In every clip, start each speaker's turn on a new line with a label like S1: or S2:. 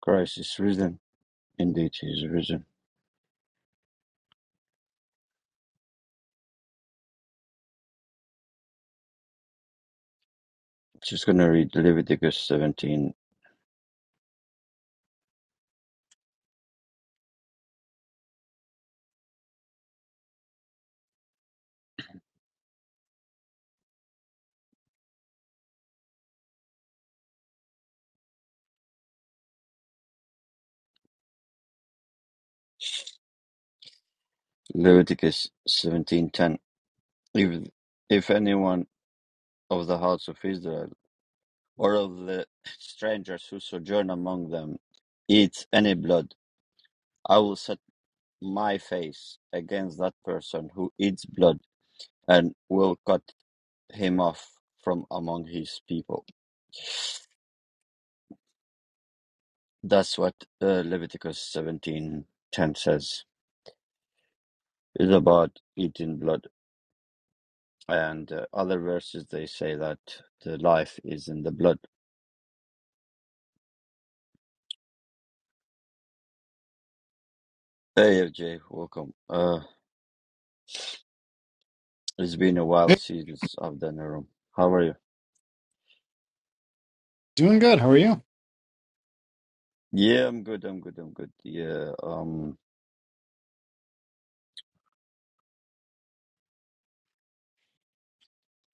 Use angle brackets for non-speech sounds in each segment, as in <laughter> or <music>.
S1: Christ is risen. Indeed, he is risen. Just going to read Leviticus 17. Leviticus 17:10. If, if anyone of the house of Israel or of the strangers who sojourn among them eats any blood, I will set my face against that person who eats blood and will cut him off from among his people. That's what uh, Leviticus 17:10 says. It's about eating blood. And uh, other verses they say that the life is in the blood. Hey FJ, welcome. Uh, it's been a while
S2: Hey,
S1: since I've done a room. How are you?
S2: doing good. How are you?
S1: Yeah, I'm good. I'm good. I'm good. Yeah. Um,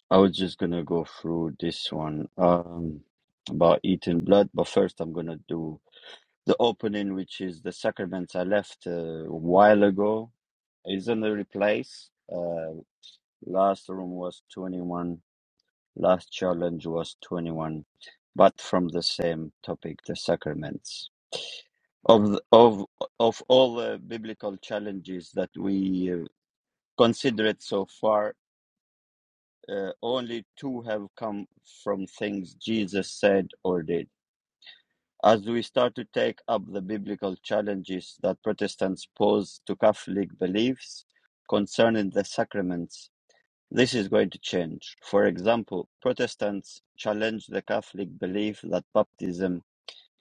S1: I was just gonna go through this one. Um, about eating blood, but first I'm gonna do the opening, which is the sacraments I left uh, a while ago. It's in the replace. Uh, last room was 21 Last challenge was twenty-one, but from the same topic, the sacraments. Of the, of of all the biblical challenges that we uh, considered so far, uh, only two have come from things Jesus said or did. As we start to take up the biblical challenges that Protestants pose to Catholic beliefs concerning the sacraments, This is going to change. For example, Protestants challenge the Catholic belief that baptism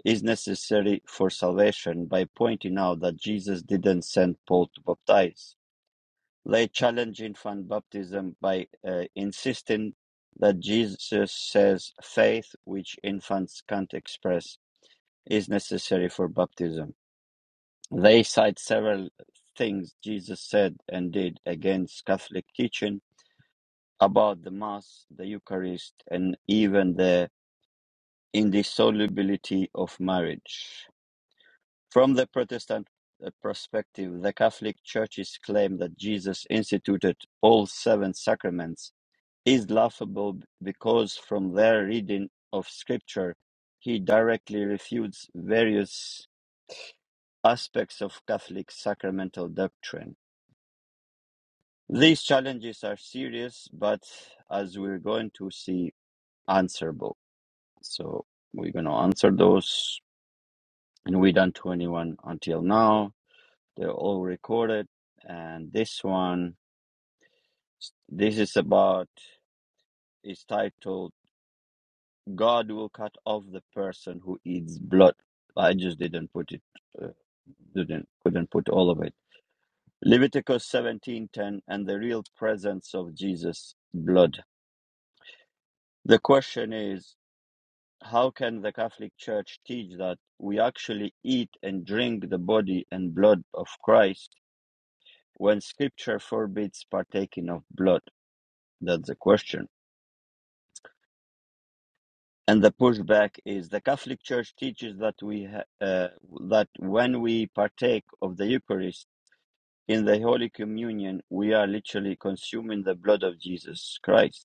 S1: is necessary for salvation by pointing out that Jesus didn't send Paul to baptize. They challenge infant baptism by uh, insisting that Jesus says faith, which infants can't express, is necessary for baptism. They cite several things Jesus said and did against Catholic teaching about the Mass, the Eucharist, and even the indissolubility of marriage. From the Protestant uh, perspective, the Catholic Church's claim that Jesus instituted all seven sacraments is laughable b- because, from their reading of Scripture, he directly refutes various aspects of Catholic sacramental doctrine. These challenges are serious, but as we're going to see, answerable. So we're going to answer those. And we done 21 until now. They're all recorded. And this one, this is about, is titled, God will cut off the person who eats blood. I just didn't put it, uh, didn't, couldn't put all of it. Leviticus 17:10 and the real presence of Jesus' blood. The question is, how can the Catholic Church teach that we actually eat and drink the body and blood of Christ when Scripture forbids partaking of blood? That's the question. And the pushback is the Catholic Church teaches that we ha- uh, that when we partake of the Eucharist in the Holy Communion, we are literally consuming the blood of Jesus Christ.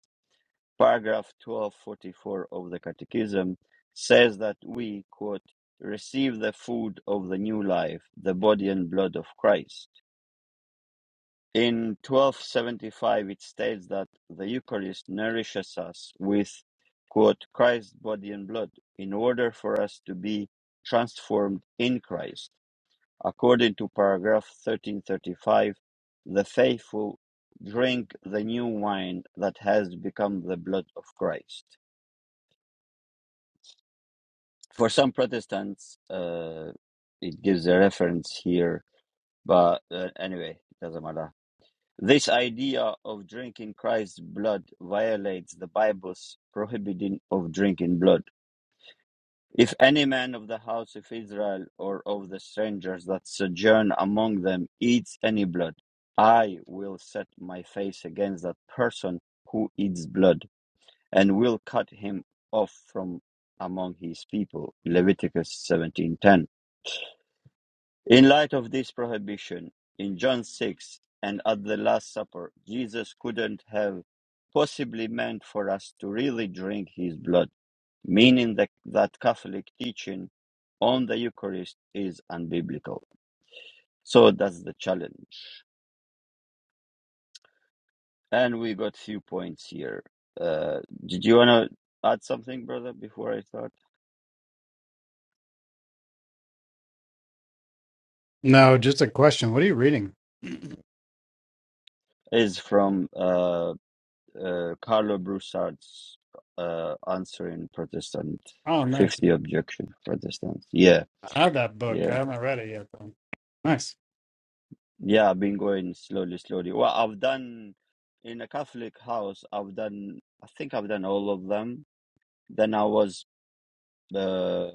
S1: paragraph 1244 of the Catechism says that we, quote, receive the food of the new life, the body and blood of Christ. In 1275, it states that the Eucharist nourishes us with, quote, Christ's body and blood in order for us to be transformed in Christ. According to paragraph 1335, the faithful drink the new wine that has become the blood of Christ. for some Protestants, uh, it gives a reference here, but uh, anyway, it doesn't matter. This idea of drinking Christ's blood violates the Bible's prohibiting of drinking blood. If any man of the house of Israel or of the strangers that sojourn among them eats any blood, I will set my face against that person who eats blood and will cut him off from among his people. Leviticus 17:10 In light of this prohibition, in John 6 and at the Last Supper, Jesus couldn't have possibly meant for us to really drink his blood, meaning that, that Catholic teaching on the Eucharist is unbiblical. So that's the challenge. And we got few points here. Uh, did you want to add something, brother, before I start?
S2: No, just a question. What are you reading?
S1: Is from uh, uh, Carlo Broussard's uh, answer in Protestant
S2: Oh, nice.
S1: 50 objection Protestant. Yeah,
S2: I have that book. I
S1: yeah,
S2: haven't read it yet, though. Nice.
S1: yeah. I've been going slowly, slowly. Well, I've done in a Catholic house. I've done. I think I've done all of them. Then I was. Uh,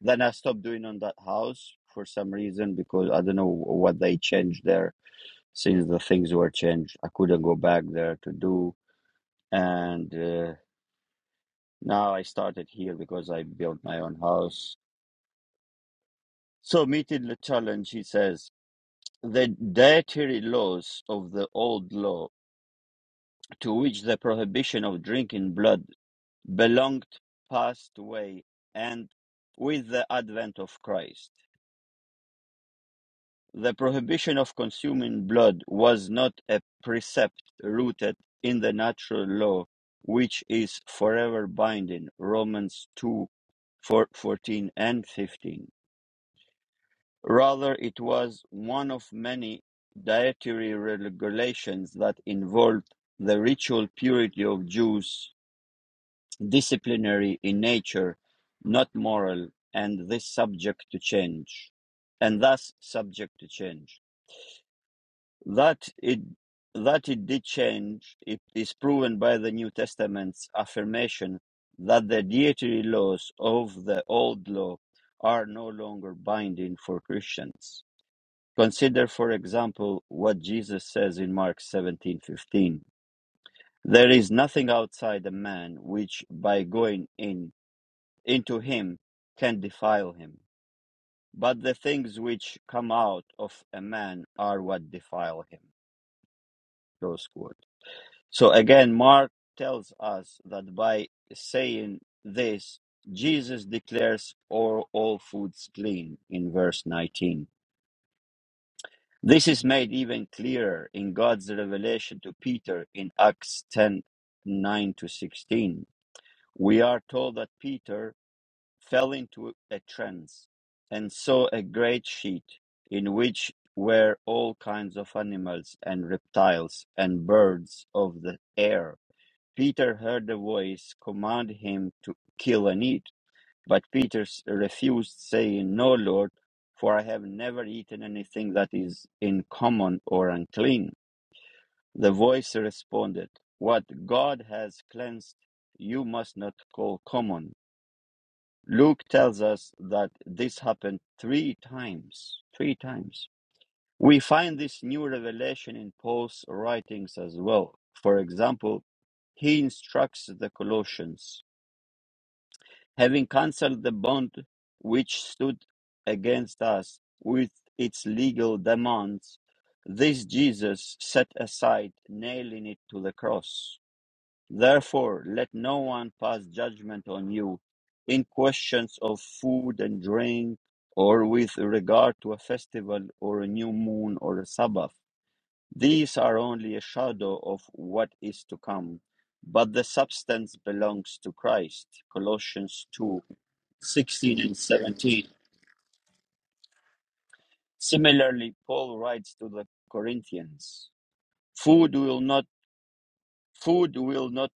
S1: then I stopped doing on that house for some reason because I don't know what they changed there. Since the things were changed, I couldn't go back there to do and. Uh, now I started here because I built my own house So, meeting the challenge, he says, the dietary laws of the old law, to which the prohibition of drinking blood belonged, passed away, and with the advent of Christ, the prohibition of consuming blood was not a precept rooted in the natural law, which is forever binding. Romans 2 14 and 15. Rather, it was one of many dietary regulations that involved the ritual purity of Jews, disciplinary in nature, not moral, and this subject to change, and thus subject to change. That it that it did change it is proven by the New Testament's affirmation that the dietary laws of the old law are no longer binding for Christians. Consider, for example, what Jesus says in Mark 17:15. There is nothing outside a man which by going in into him can defile him, but the things which come out of a man are what defile him. Close quote. So again, Mark tells us that by saying this, Jesus declares all, all foods clean in verse 19 This is made even clearer in God's revelation to Peter in Acts 109 to 16. We are told that Peter fell into a trance and saw a great sheet in which were all kinds of animals and reptiles and birds of the air. Peter heard a voice command him to kill and eat. But Peter s- refused, saying, No, Lord, for I have never eaten anything that is uncommon or unclean. The voice responded, What God has cleansed, you must not call common. Luke tells us that this happened three times. Three times. We find this new revelation in Paul's writings as well. For example, he instructs the Colossians having cancelled the bond which stood against us with its legal demands, this Jesus set aside, nailing it to the cross. Therefore, let no one pass judgment on you in questions of food and drink, or with regard to a festival, or a new moon, or a Sabbath. These are only a shadow of what is to come, but the substance belongs to Christ. Colossians 2 16 and 17. Similarly, Paul writes to the Corinthians, food will not, food will not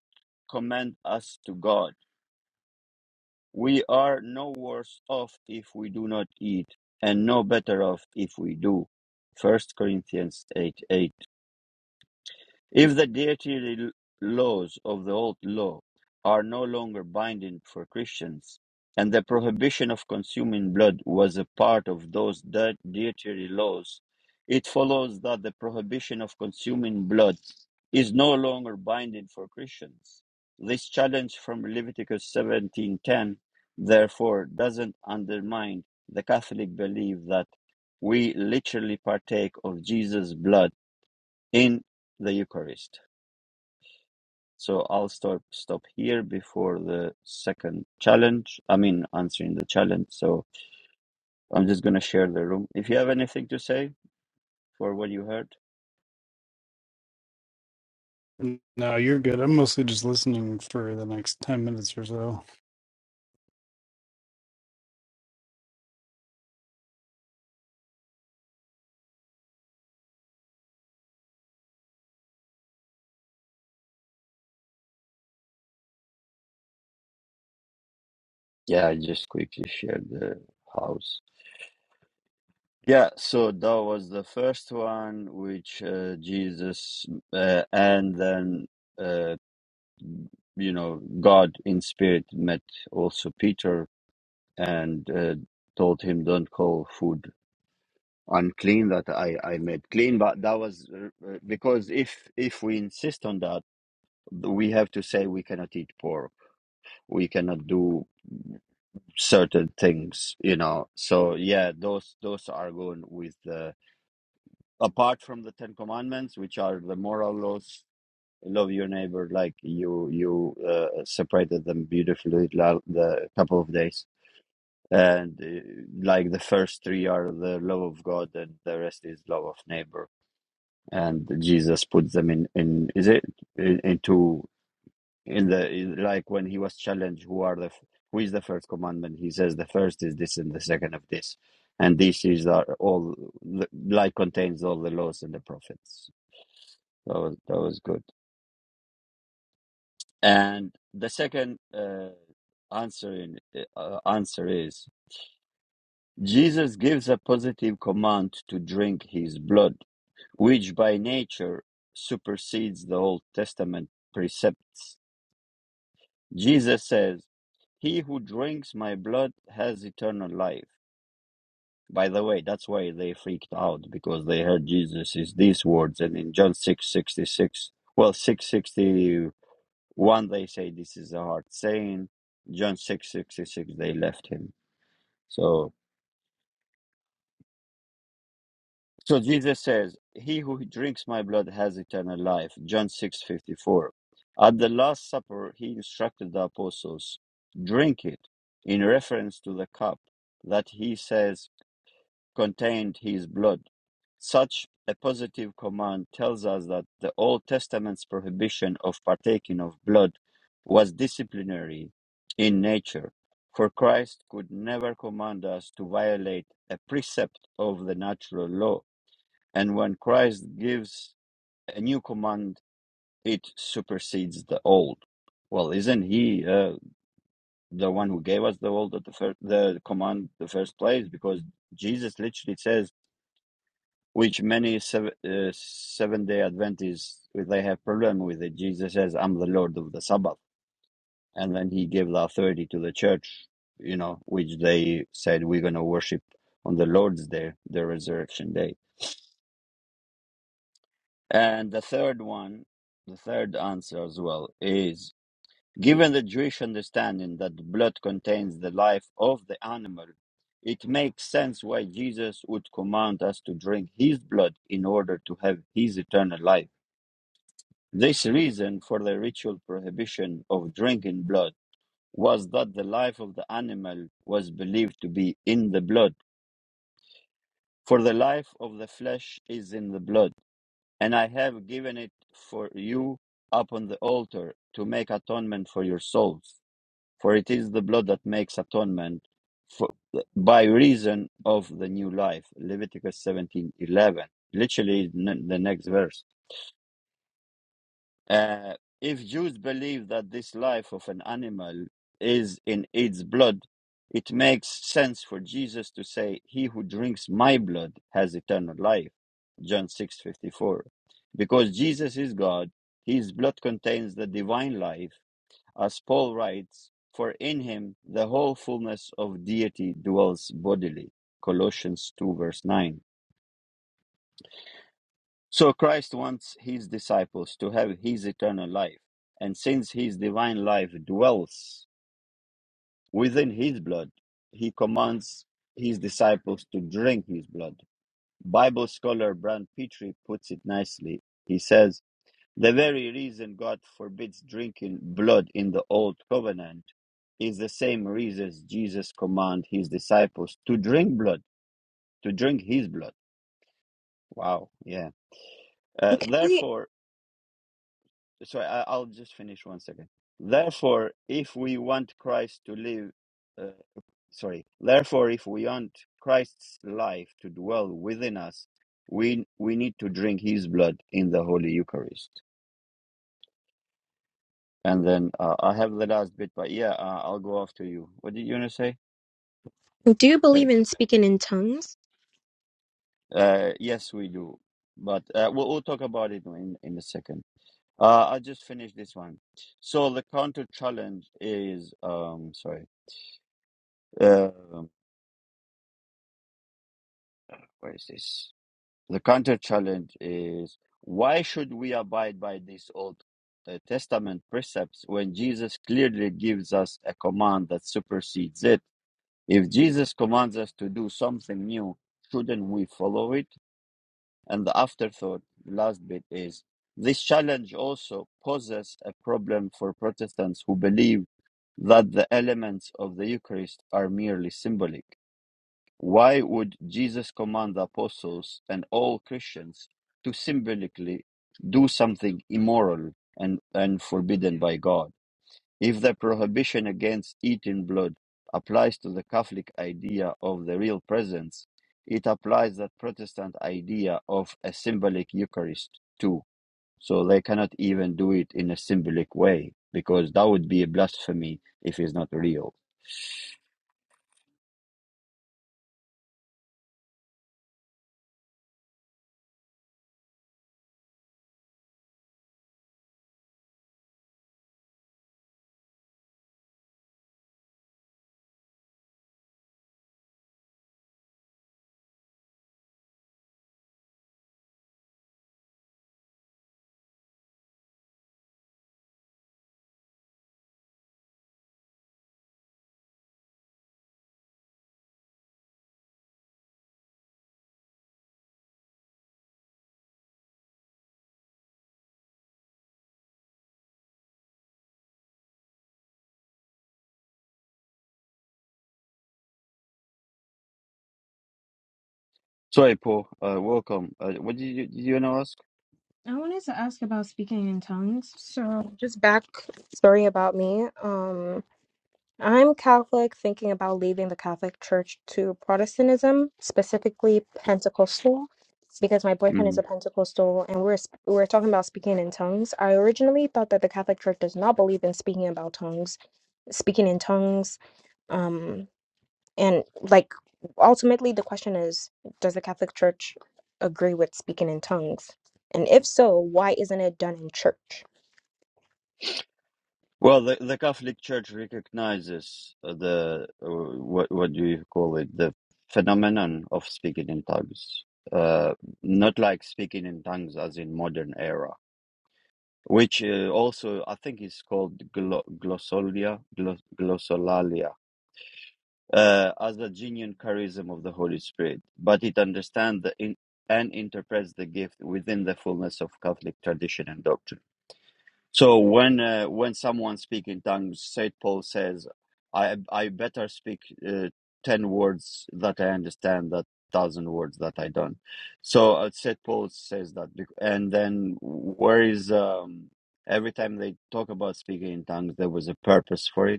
S1: commend us to God. We are no worse off if we do not eat and no better off if we do. First Corinthians eight eight. If the dietary laws of the old law are no longer binding for Christians, and the prohibition of consuming blood was a part of those di- dietary laws, it follows that the prohibition of consuming blood is no longer binding for Christians. This challenge from Leviticus 17:10 therefore doesn't undermine the Catholic belief that we literally partake of Jesus' blood in the Eucharist. So I'll stop stop here before the second challenge. I mean, answering the challenge. So I'm just gonna share the room. If you have anything to say for what you heard,
S2: No, you're good. I'm mostly just listening for the next 10 minutes or so.
S1: yeah, I just quickly share the house. Yeah, so that was the first one, which uh, Jesus uh, and then uh, you know God in spirit met also Peter and uh, told him, "Don't call food unclean that I, I made clean. But that was uh, uh, because if if we insist on that, we have to say we cannot eat pork, we cannot do certain things, you know. So yeah, those those are going with the apart from the Ten Commandments, which are the moral laws. Love your neighbor like you you uh, separated them beautifully la- the couple of days and uh, like the first three are the love of God and the rest is love of neighbor and Jesus put them in in is it in, into in the in, like when he was challenged who are the who is the first commandment he says the first is this and the second of this and this is are all the- like contains all the laws and the prophets that was that was good and the second uh, answer in uh, answer is Jesus gives a positive command to drink his blood which by nature supersedes the old testament precepts Jesus says, He who drinks my blood has eternal life. By the way, that's why they freaked out because they heard Jesus is these words. And in John six sixty six, well, 661, they say this is a hard saying. John six sixty six, they left him. So So Jesus says, He who drinks my blood has eternal life. John six fifty four. At the Last Supper, he instructed the apostles, drink it, in reference to the cup that he says contained his blood. Such a positive command tells us that the Old Testament's prohibition of partaking of blood was disciplinary in nature, for Christ could never command us to violate a precept of the natural law and when Christ gives a new command, it supersedes the old. Well, isn't he uh, the one who gave us the old at the first the command the first place? Because Jesus literally says, which many seven, uh, seven day Adventists they have problem with it. Jesus says, "I'm the Lord of the Sabbath," and then he gave the authority to the church. You know, which they said we're gonna worship on the Lord's day, the resurrection day And the third one, the third answer as well, is given the Jewish understanding that the blood contains the life of the animal, it makes sense why Jesus would command us to drink his blood in order to have his eternal life. This reason for the ritual prohibition of drinking blood was that the life of the animal was believed to be in the blood, for the life of the flesh is in the blood and I have given it for you upon the altar to make atonement for your souls. For it is the blood that makes atonement for, by reason of the new life. Leviticus seventeen eleven. Literally, n- the next verse. Uh, if Jews believe that this life of an animal is in its blood, it makes sense for Jesus to say, "He who drinks my blood has eternal life." John six fifty four, because Jesus is God, His blood contains the divine life, as Paul writes, "For in Him the whole fullness of deity dwells bodily." Colossians two verse nine so Christ wants his disciples to have his eternal life. And since his divine life dwells within his blood, he commands his disciples to drink his blood. Bible scholar Brand Petrie puts it nicely. He says, the very reason God forbids drinking blood in the old covenant is the same reason Jesus commanded his disciples to drink blood, to drink his blood. Wow, yeah. Uh,
S3: Can I,
S1: therefore, sorry, I, I'll just finish one second. Therefore, if we want Christ to live, uh, sorry, therefore, if we want Christ's life to dwell within us, we we need to drink His blood in the Holy Eucharist. And then uh, I have the last bit, but yeah, uh, I'll go after you. What did you want to say?
S3: do you believe
S1: Okay.
S3: in speaking in tongues?
S1: Uh, yes, we do, but uh, we'll, we'll talk about it in in a second. Uh, I'll just finish this one. So the counter challenge is, um, sorry. Um Where is this? The counter challenge is why should we abide by these Old uh, Testament precepts when Jesus clearly gives us a command that supersedes it? If Jesus commands us to do something new, shouldn't we follow it? And the afterthought, last bit is this challenge also poses a problem for Protestants who believe that the elements of the Eucharist are merely symbolic. Why would Jesus command the apostles and all Christians to symbolically do something immoral and, and forbidden by God? If the prohibition against eating blood applies to the Catholic idea of the real presence, it applies that Protestant idea of a symbolic Eucharist too. So they cannot even do it in a symbolic way because that would be a blasphemy if it's not real. Sorry, Paul. Uh, welcome. Uh, what did you, did you want to ask?
S3: I wanted to ask about speaking in tongues. So, just back story about me. Um, I'm Catholic, thinking about leaving the Catholic Church to Protestantism, specifically Pentecostal, because my boyfriend
S1: Mm-hmm.
S3: is a Pentecostal, and we're sp- we're talking about speaking in tongues. I originally thought that the Catholic Church does not believe in speaking about tongues, speaking in tongues. Um, And like ultimately the question is, does the Catholic Church agree with speaking in tongues? And if so, why isn't it done in church?
S1: Well, the, the Catholic Church recognizes the uh, what what do you call it the phenomenon of speaking in tongues, uh, not like speaking in tongues as in modern era, which uh, also I think is called glo- glossolia glos- glossolalia uh, as a genuine charism of the Holy Spirit, but it understands the in- and interprets the gift within the fullness of Catholic tradition and doctrine. So when uh, when someone speaks in tongues, Saint Paul says, "I I better speak uh, ten words that I understand that thousand words that I don't." So uh, Saint Paul says that, bec- and then where is um, every time they talk about speaking in tongues, there was a purpose for it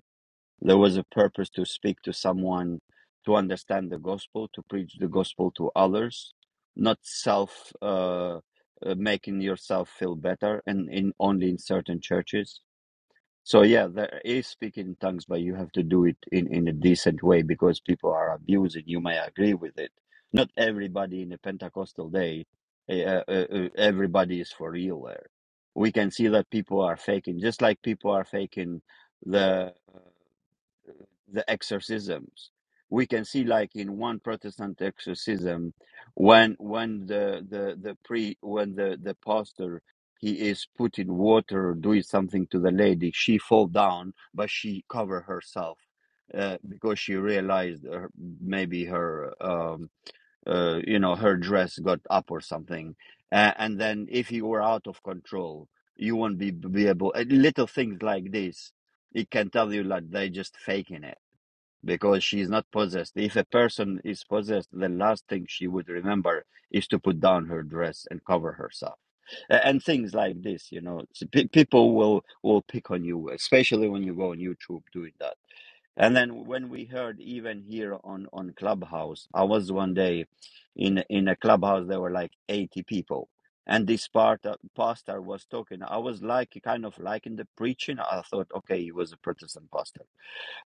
S1: there was a purpose to speak to someone, to understand the gospel, to preach the gospel to others, not self uh, uh, making yourself feel better, and in only in certain churches. So yeah, there is speaking in tongues, but you have to do it in in a decent way because people are abusing. You may agree with it. Not everybody in a Pentecostal day, uh, uh, uh, everybody is for real there. We can see that people are faking, just like people are faking the the exorcisms. We can see, like in one Protestant exorcism, when when the the the pre when the the pastor he is putting water, doing something to the lady, she fall down, but she cover herself uh, because she realized her, maybe her um, uh, you know, her dress got up or something. Uh, and then if you were out of control, you won't be, be able, uh, little things like this, it can tell you that they're just faking it because she's not possessed. If a person is possessed, the last thing she would remember is to put down her dress and cover herself. And things like this, you know, people will will pick on you, especially when you go on YouTube doing that and then when we heard even here on on Clubhouse, I was one day in in a clubhouse there were like 80 people. And this part uh, pastor was talking. I was like kind of liking the preaching. I thought, okay, he was a Protestant pastor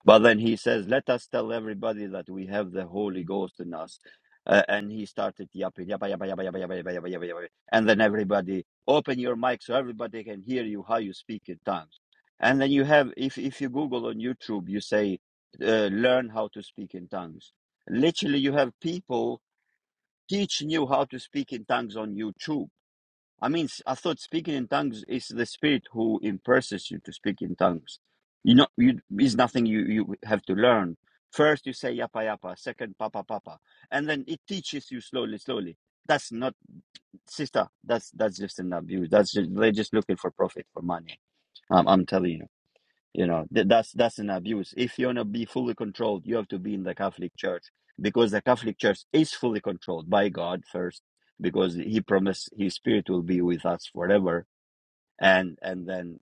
S1: but then he says, Let us tell everybody that we have the Holy Ghost in us. Uh, and he started yapping, yappa, yappa, yappa, yappa, yappa, yappa, yappa, yappa, yappa. And then everybody, open your mic so everybody can hear you how you speak in tongues. And then you have, if, if you Google on YouTube, you say, uh, learn how to speak in tongues. Literally, you have people teaching you how to speak in tongues on YouTube I mean, s- I thought speaking in tongues is the Spirit who impresses you to speak in tongues. You know, you is nothing you you have to learn. First, you say yapa yapa. Second, papa papa, and then it teaches you slowly, slowly. That's not sister. That's that's just an abuse. That's just, they're just looking for profit for money. Um, I'm telling you. You know, th- that's that's an abuse. If you wanna be fully controlled, you have to be in the Catholic Church because the Catholic Church is fully controlled by God first, because He promised His Spirit will be with us forever, and and then,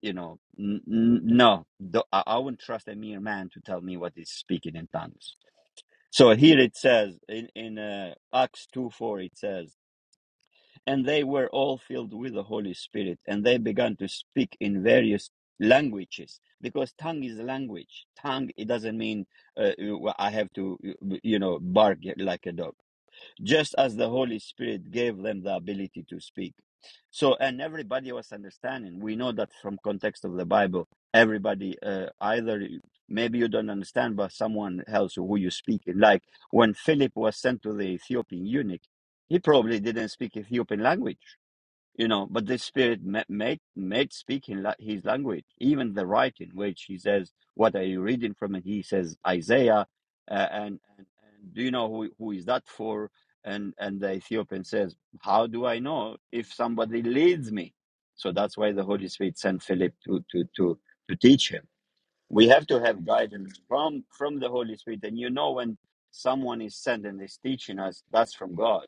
S1: you know, n- n- no, th- I-, I wouldn't trust a mere man to tell me what is speaking in tongues. So here it says in in uh, Acts two four, it says and they were all filled with the Holy Spirit, and they began to speak in various languages because tongue is language. Tongue it doesn't mean uh, I have to you know bark like a dog just as the Holy Spirit gave them the ability to speak. So, and everybody was understanding. We know that from context of the Bible, everybody uh, either maybe you don't understand, but someone else who you speak. Like when Philip was sent to the Ethiopian eunuch, he probably didn't speak Ethiopian language you know but the spirit ma- made made speaking la- his language even the writing which he says what are you reading from and he says isaiah uh, and, and and do you know who who is that for and and the ethiopian says how do i know if somebody leads me so that's why the holy spirit sent philip to to to to teach him we have to have guidance from from the holy spirit and you know when someone is sent and is teaching us that's from god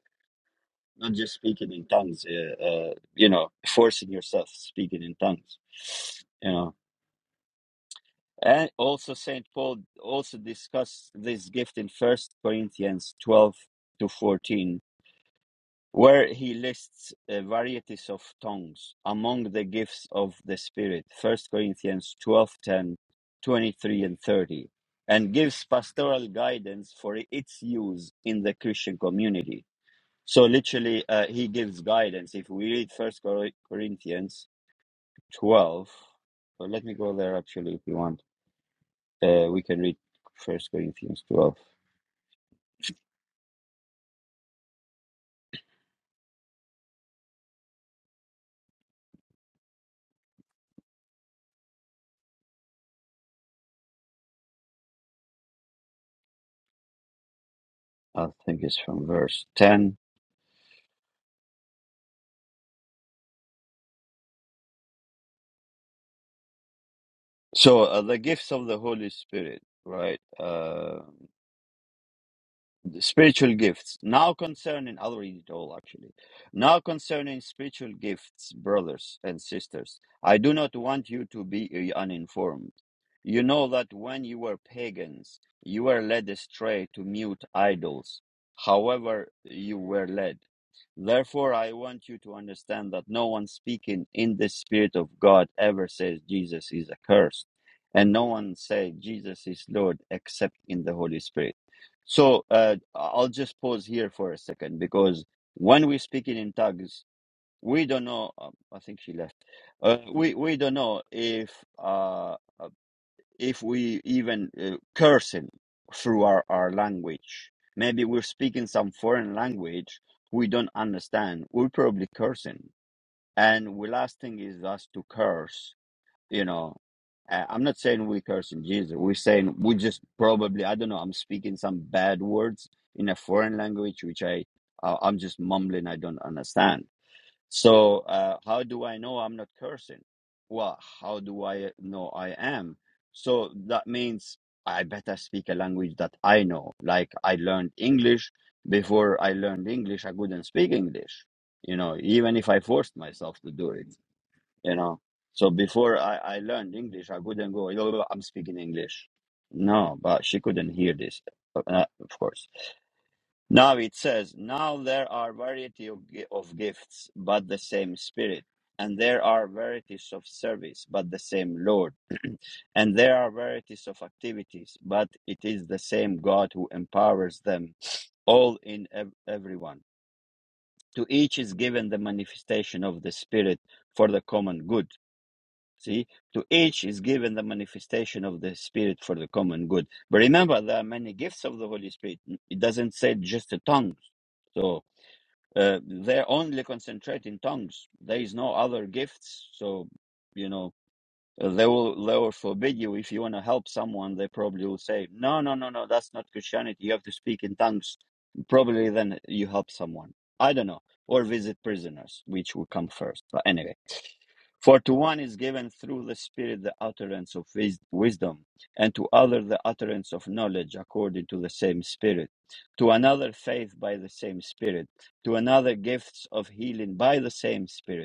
S1: not just speaking in tongues uh, uh, you know forcing yourself speaking in tongues you know and also saint paul also discussed this gift in first corinthians 12 to 14 where he lists uh, varieties of tongues among the gifts of the spirit first corinthians 12 10, 23 and 30 and gives pastoral guidance for its use in the christian community so literally, uh, he gives guidance. If we read First Corinthians twelve, well, let me go there actually. If you want, uh, we can read First Corinthians twelve. I think it's from verse ten. So uh, the gifts of the Holy Spirit, right? Uh, the spiritual gifts. Now concerning, I'll read it all actually. Now concerning spiritual gifts, brothers and sisters, I do not want you to be uh, uninformed. You know that when you were pagans, you were led astray to mute idols, however, you were led. Therefore, I want you to understand that no one speaking in the Spirit of God ever says Jesus is accursed, and no one says Jesus is Lord except in the Holy Spirit. So uh, I'll just pause here for a second because when we're speaking in tongues, we don't know. Um, I think she left. Uh, we we don't know if uh, uh, if we even uh, cursing through our, our language. Maybe we're speaking some foreign language we don't understand. We're probably cursing, and the last thing is us to curse you know I- i'm not saying we are cursing jesus we're saying we just probably i don't know i'm speaking some bad words in a foreign language which i uh, i'm just mumbling i don't understand so uh, how do i know i'm not cursing well how do i know i am so that means i better speak a language that i know like i learned english before i learned english i couldn't speak english you know even if i forced myself to do it you know. So before I, I learned English, I couldn't go, "Yo, I'm speaking English. No, but she couldn't hear this, uh, of course. Now it says, now there are variety of, gi- of gifts, but the same Spirit. And there are varieties of service, but the same Lord. <clears throat> and there are varieties of activities, but it is the same God who empowers them all in ev- everyone. To each is given the manifestation of the Spirit for the common good See, to each is given the manifestation of the Spirit for the common good. But remember, there are many gifts of the Holy Spirit. It doesn't say just the tongues. So uh, they're only concentrating tongues. There is no other gifts. So, you know, uh, they will they will forbid you if you want to help someone. They probably will say, no, no, no, no, that's not Christianity. You have to speak in tongues. Probably then you help someone. I don't know. Or visit prisoners, which will come first. But anyway. For to one is given through the Spirit the utterance of wis- wisdom, and to other the utterance of knowledge according to the same Spirit, to another faith by the same Spirit, to another gifts of healing by the same Spirit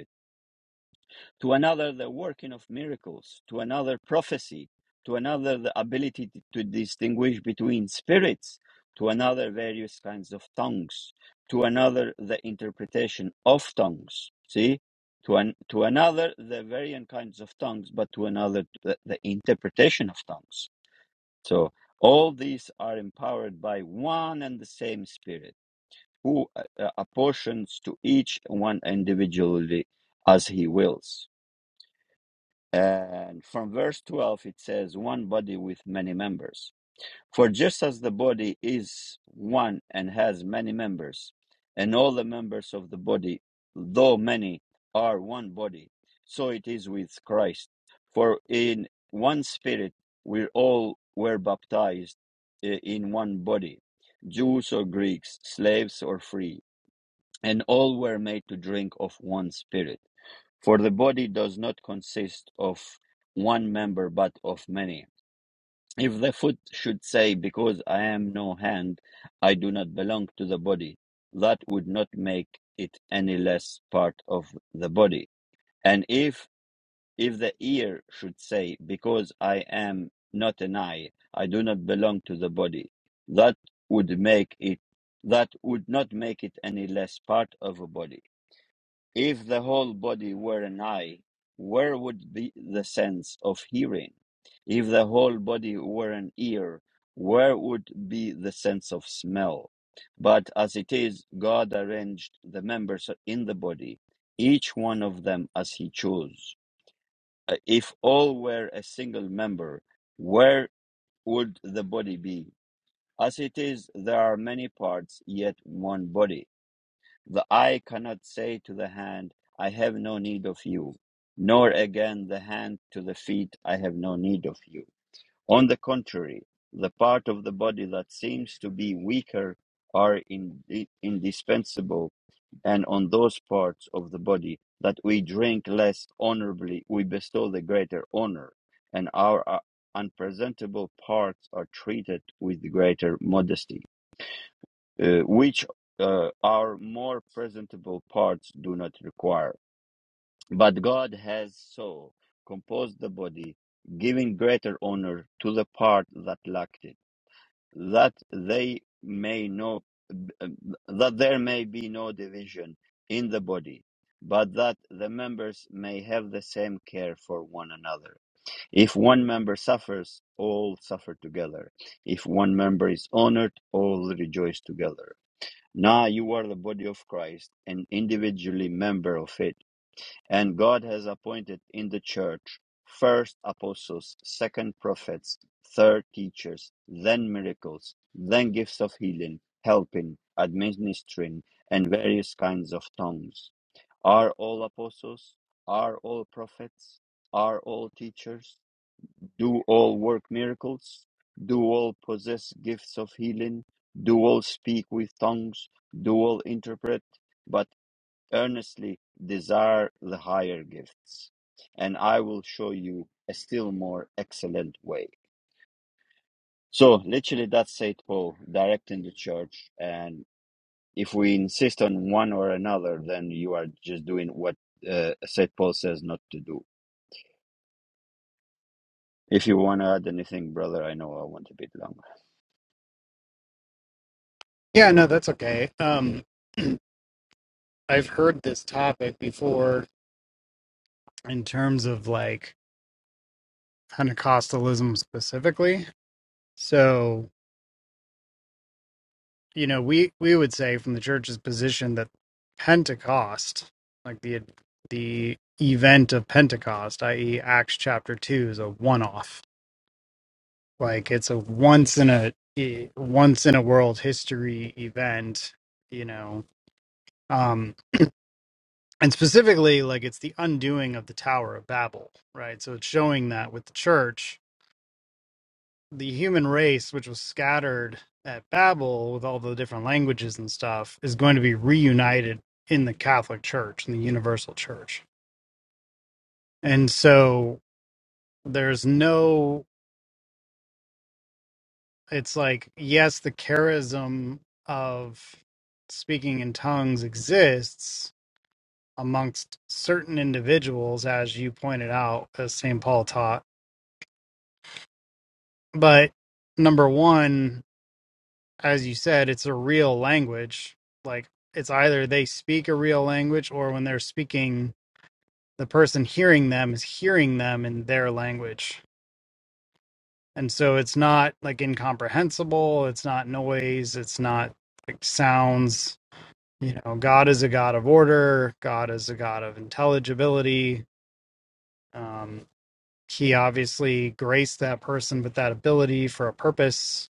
S1: to another the working of miracles, to another prophecy, to another the ability to distinguish between spirits, to another various kinds of tongues, to another the interpretation of tongues. See? To, an, to another the variant kinds of tongues, but to another the, the interpretation of tongues. So all these are empowered by one and the same spirit who uh, uh, apportions to each one individually as he wills and from verse 12, it says, one body with many members. For just as the body is one and has many members, and all the members of the body, though many, are one body, so it is with Christ. For in one spirit we all were baptized i- in one body, Jews or Greeks, slaves or free, and all were made to drink of one spirit. For the body does not consist of one member, but of many. If the foot should say, Because I am no hand, I do not belong to the body, that would not make it any less part of the body. And if if the ear should say, Because I am not an eye, I do not belong to the body, that would make it that would not make it any less part of a body if the whole body were an eye, where would be the sense of hearing? If the whole body were an ear, where would be the sense of smell? But as it is, God arranged the members in the body, each one of them as he chose. Uh, If all were a single member, where would the body be? As it is, there are many parts, yet one body the eye cannot say to the hand, I have no need of you, nor again the hand to the feet, I have no need of you. On the contrary, the part of the body that seems to be weaker are in, indispensable, and on those parts of the body that we drink less honorably, we bestow the greater honor, and our uh, unpresentable parts are treated with greater modesty uh, which uh, our more presentable parts do not require. But God has so composed the body, giving greater honor to the part that lacked it, that they may know that there may be no division in the body, but that the members may have the same care for one another. If one member suffers, all suffer together. If one member is honored, all rejoice together. Now you are the body of Christ and individually member of it. And God has appointed in the church first apostles, second prophets, third teachers, then miracles, then gifts of healing, helping, administering, and various kinds of tongues. Are all apostles? Are all prophets? Are all teachers? do all work miracles, do all possess gifts of healing, do all speak with tongues, do all interpret, but earnestly desire the higher gifts. And I will show you a still more excellent way. So, literally, that's St. Paul directing the church. And if we insist on one or another, then you are just doing what uh, St. Paul says not to do. If you want to add anything, brother, I know I want a bit longer.
S2: Yeah, no, that's okay. Um, <clears throat> I've heard this topic before in terms of like Pentecostalism specifically. So. you know, we we would say from the church's position that Pentecost, like the the event of Pentecost, i.e., Acts chapter two, is a one-off. Like it's a once in a e- once in a world history event. You know, um, and specifically, like it's the undoing of the Tower of Babel, right? So it's showing that with the church the human race, which was scattered at Babel with all the different languages and stuff, is going to be reunited in the Catholic Church, in the universal church. And so there's no, it's like, yes, the charism of speaking in tongues exists amongst certain individuals, as you pointed out, as St. Paul taught. But number one, as you said, it's a real language. Like it's either they speak a real language or when they're speaking, the person hearing them is hearing them in their language. And so it's not like incomprehensible, it's not noise, it's not like sounds. You know, God is a God of order, God is a God of intelligibility. Um, he obviously graced that person with that ability for a purpose.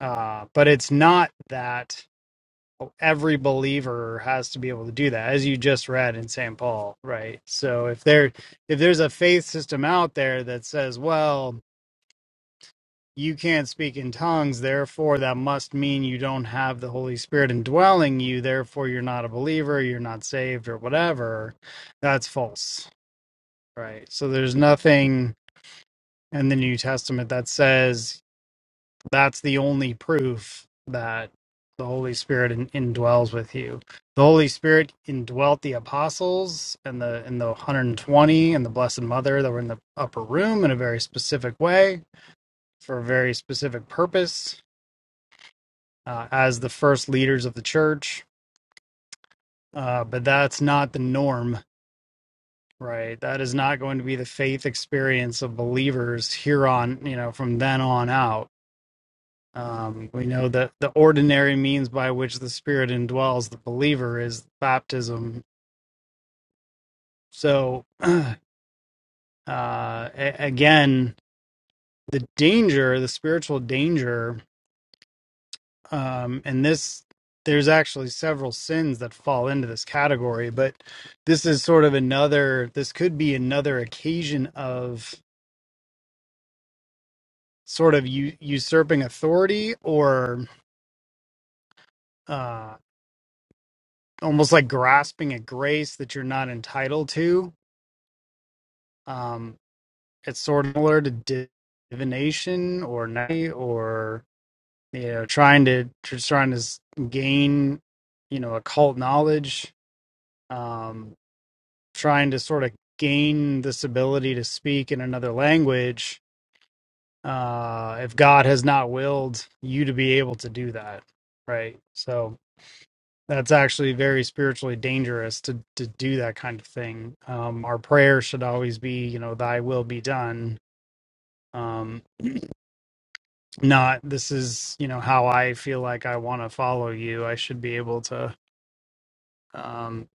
S2: Uh, but it's not that every believer has to be able to do that as you just read in St. Paul, right? So if there if there's a faith system out there that says, well, you can't speak in tongues, therefore that must mean you don't have the Holy Spirit indwelling you, therefore you're not a believer, you're not saved or whatever, that's false, right? So there's nothing in the New Testament that says that's the only proof that the Holy Spirit in, indwells with you. The Holy Spirit indwelt the apostles and the and the 120 and the Blessed Mother that were in the upper room in a very specific way for a very specific purpose uh, as the first leaders of the church. Uh, but that's not the norm, right? That is not going to be the faith experience of believers here on, you know, from then on out Um, we know that the ordinary means by which the Spirit indwells the believer is baptism. So, <clears throat> uh, a- again, the danger, the spiritual danger, um, and this, there's actually several sins that fall into this category, but this is sort of another, this could be another occasion of sort of u- usurping authority or uh, almost like grasping at grace that you're not entitled to. Um, it's sort of similar to divination or night or you know trying to just trying to gain you know occult knowledge um trying to sort of gain this ability to speak in another language uh if god has not willed you to be able to do that right so that's actually very spiritually dangerous to to do that kind of thing um our prayer should always be you know thy will be done Um, not this is you know how i feel like i want to follow you i should be able to um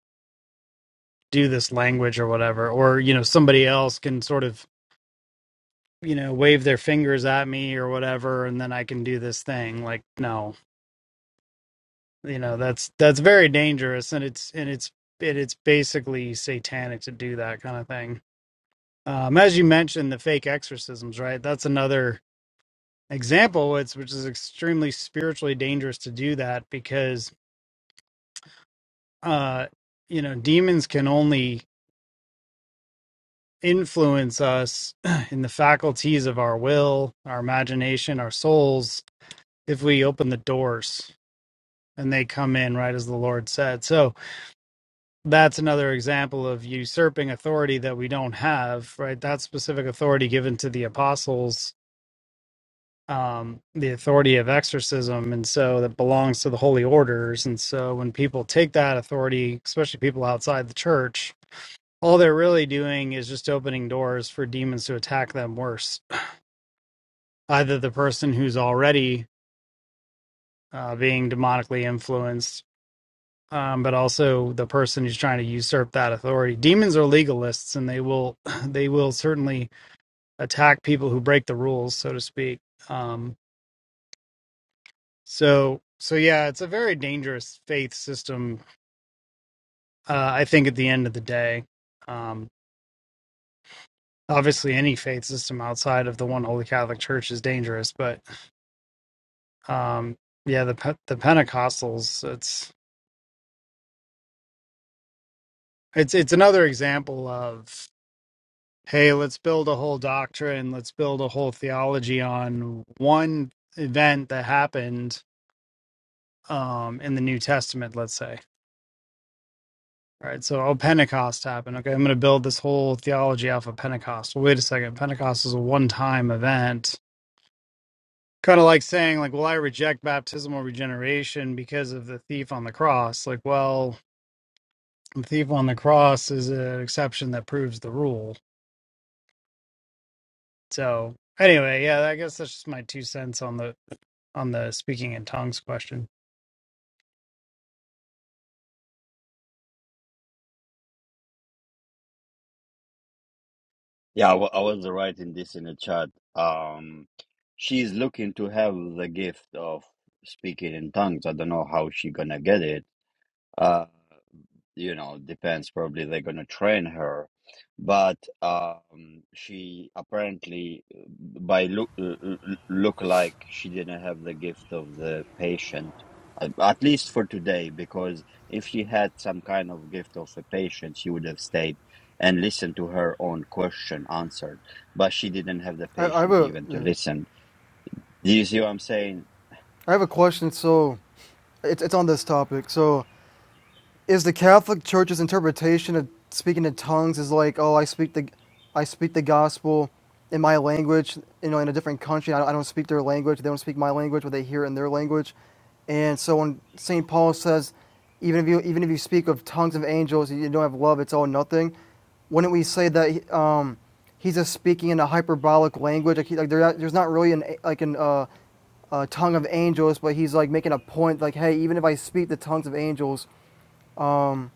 S2: do this language or whatever or you know somebody else can sort of you know wave their fingers at me or whatever and then i can do this thing like no you know that's that's very dangerous and it's and it's it, it's basically satanic to do that kind of thing um as you mentioned the fake exorcisms right that's another example it's which is extremely spiritually dangerous to do that because uh, you know, demons can only influence us <clears throat> in the faculties of our will, our imagination, our souls, if we open the doors and they come in, right as the Lord said. So that's another example of usurping authority that we don't have, right? That specific authority given to the apostles, um, the authority of exorcism. And so that belongs to the holy orders. And so when people take that authority, especially people outside the church, all they're really doing is just opening doors for demons to attack them worse. Either the person who's already uh, being demonically influenced, um, but also the person who's trying to usurp that authority. Demons are legalists, and they will <laughs> they will certainly attack people who break the rules, so to speak. Um, so so yeah, it's a very dangerous faith system. Uh, I think at the end of the day. Um, Obviously, any faith system outside of the one holy Catholic Church is dangerous, but Um, yeah, the Pe- the Pentecostals. It's it's it's another example of hey, let's build a whole doctrine, let's build a whole theology on one event that happened um, in the New Testament. Let's say, all right, so oh, Pentecost happened. Okay, I'm going to build this whole theology off of Pentecost. Well, wait a second, Pentecost is a one time event. Kind of like saying, like, well, I reject baptismal regeneration because of the thief on the cross. Like, well, The thief on the cross is an exception that proves the rule. So anyway, yeah, I guess that's just my two cents on the on the speaking in tongues question.
S1: Yeah, I wa- I was writing this in the chat. Um, she's looking to have the gift of speaking in tongues. I don't know how she gonna get it. Uh, you know depends probably they're going to train her but um she apparently uh, by look look like she didn't have the gift of the patient at least for today because if she had some kind of gift of a patient she would have stayed and listened to her own question answered but she didn't have the
S4: I, I have
S1: patient
S4: a
S1: even to
S4: yeah.
S1: listen do you see what i'm saying
S4: I have a question. So, it's it's on this topic. So, is the Catholic Church's interpretation of speaking in tongues is like, oh, I speak the, I speak the gospel in my language, you know, in a different country. I, don't, I don't speak their language. They don't speak my language, but they hear it in their language. And so when Saint Paul says, even if you even if you speak of tongues of angels, you don't have love. It's all nothing. Wouldn't we say that um, he's just speaking in a hyperbolic language? Like, he, like there, there's not really an like an uh, uh, tongue of angels, but he's like making a point, like, hey, even if I speak the tongues of angels um,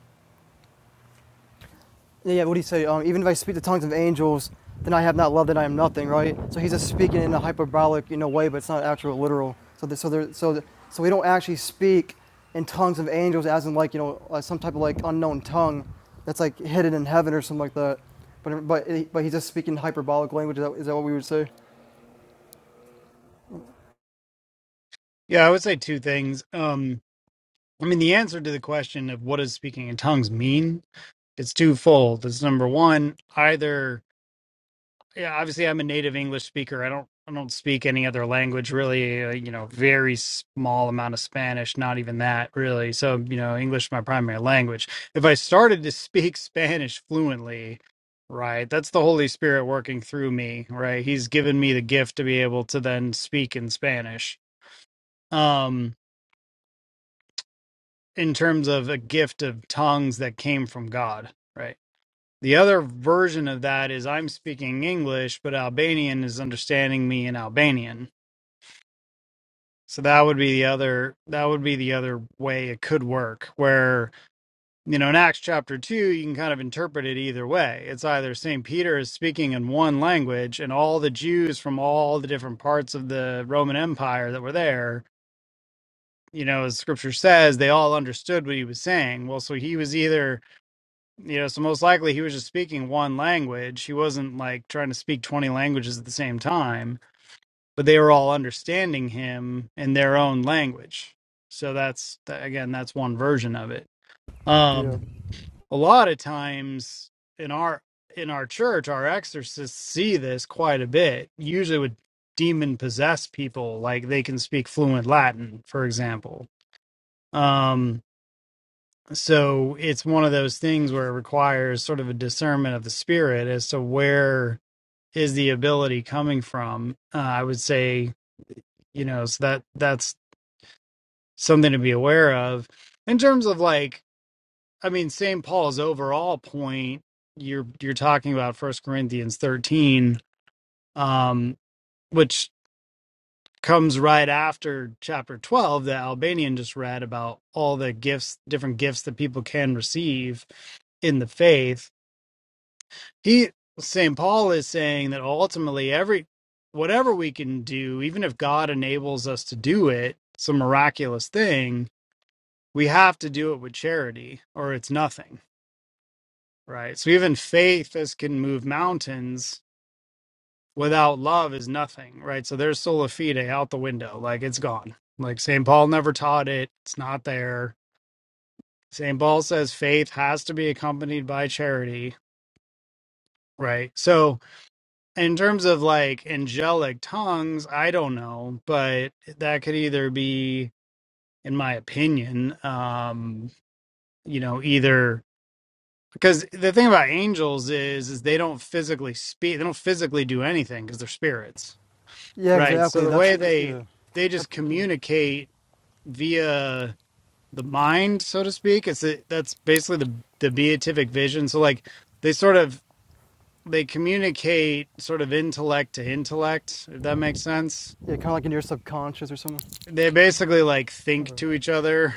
S4: yeah, yeah, what do you say? Um, even if I speak the tongues of angels, then I have not love, then I am nothing, right? So he's just speaking in a hyperbolic, you know, way, but it's not actual literal. So, the, so, there, so, the, so we don't actually speak in tongues of angels, as in like you know, uh, some type of like unknown tongue that's like hidden in heaven or something like that. But but but he's just speaking hyperbolic language. Is that, is that what we would say?
S2: Yeah, I would say two things. Um I mean the answer to the question of what does speaking in tongues mean? It's twofold. It's number one, either yeah, obviously I'm a native English speaker. I don't I don't speak any other language really. Uh, you know, very small amount of Spanish, not even that really. So you know, English is my primary language. If I started to speak <laughs> Spanish fluently, right, that's the Holy Spirit working through me. Right, He's given me the gift to be able to then speak in Spanish. Um, in terms of a gift of tongues that came from God. Right The other version of that is I'm speaking English, but Albanian is understanding me in Albanian. So that would be the other that would be the other way it could work where you know in Acts chapter 2 you can kind of interpret it either way. It's either St. Peter is speaking in one language and all the Jews from all the different parts of the Roman Empire that were there, you know, as scripture says, they all understood what he was saying. Well, so he was either You know, so most likely he was just speaking one language. He wasn't like trying to speak 20 languages at the same time, but they were all understanding him in their own language. So that's that, again, that's one version of it.
S4: Yeah.
S2: Um a lot of times in our in our church, our exorcists see this quite a bit. Usually with demon possessed people, like they can speak fluent Latin, for example. Um, so it's one of those things where it requires sort of a discernment of the spirit as to where is the ability coming from uh, i would say you know so that that's something to be aware of in terms of like i mean st paul's overall point you're you're talking about first corinthians 13 um which comes right after chapter 12 that albanian just read about all the gifts different gifts that people can receive in the faith he St. Paul is saying that ultimately every whatever we can do, even if God enables us to do it, some miraculous thing, we have to do it with charity or it's nothing, right? So even faith as can move mountains without love is nothing, right? So there's sola fide out the window, like it's gone. Like St. Paul never taught it, it's not there. St. Paul says faith has to be accompanied by charity, right? So in terms of like angelic tongues, I don't know, but that could either be, in my opinion, um, you know, either because the thing about angels is is they don't physically speak, they don't physically do anything because they're spirits,
S4: Yeah,
S2: right? So
S4: exactly.
S2: the
S4: That's
S2: way they
S4: yeah.
S2: they just communicate via the mind, so to speak. It's a, that's basically the the beatific vision. So like they sort of they communicate sort of intellect to intellect, if that makes sense
S4: yeah, kind of like in your subconscious or something.
S2: they basically like
S4: All
S2: think
S4: right.
S2: to each other.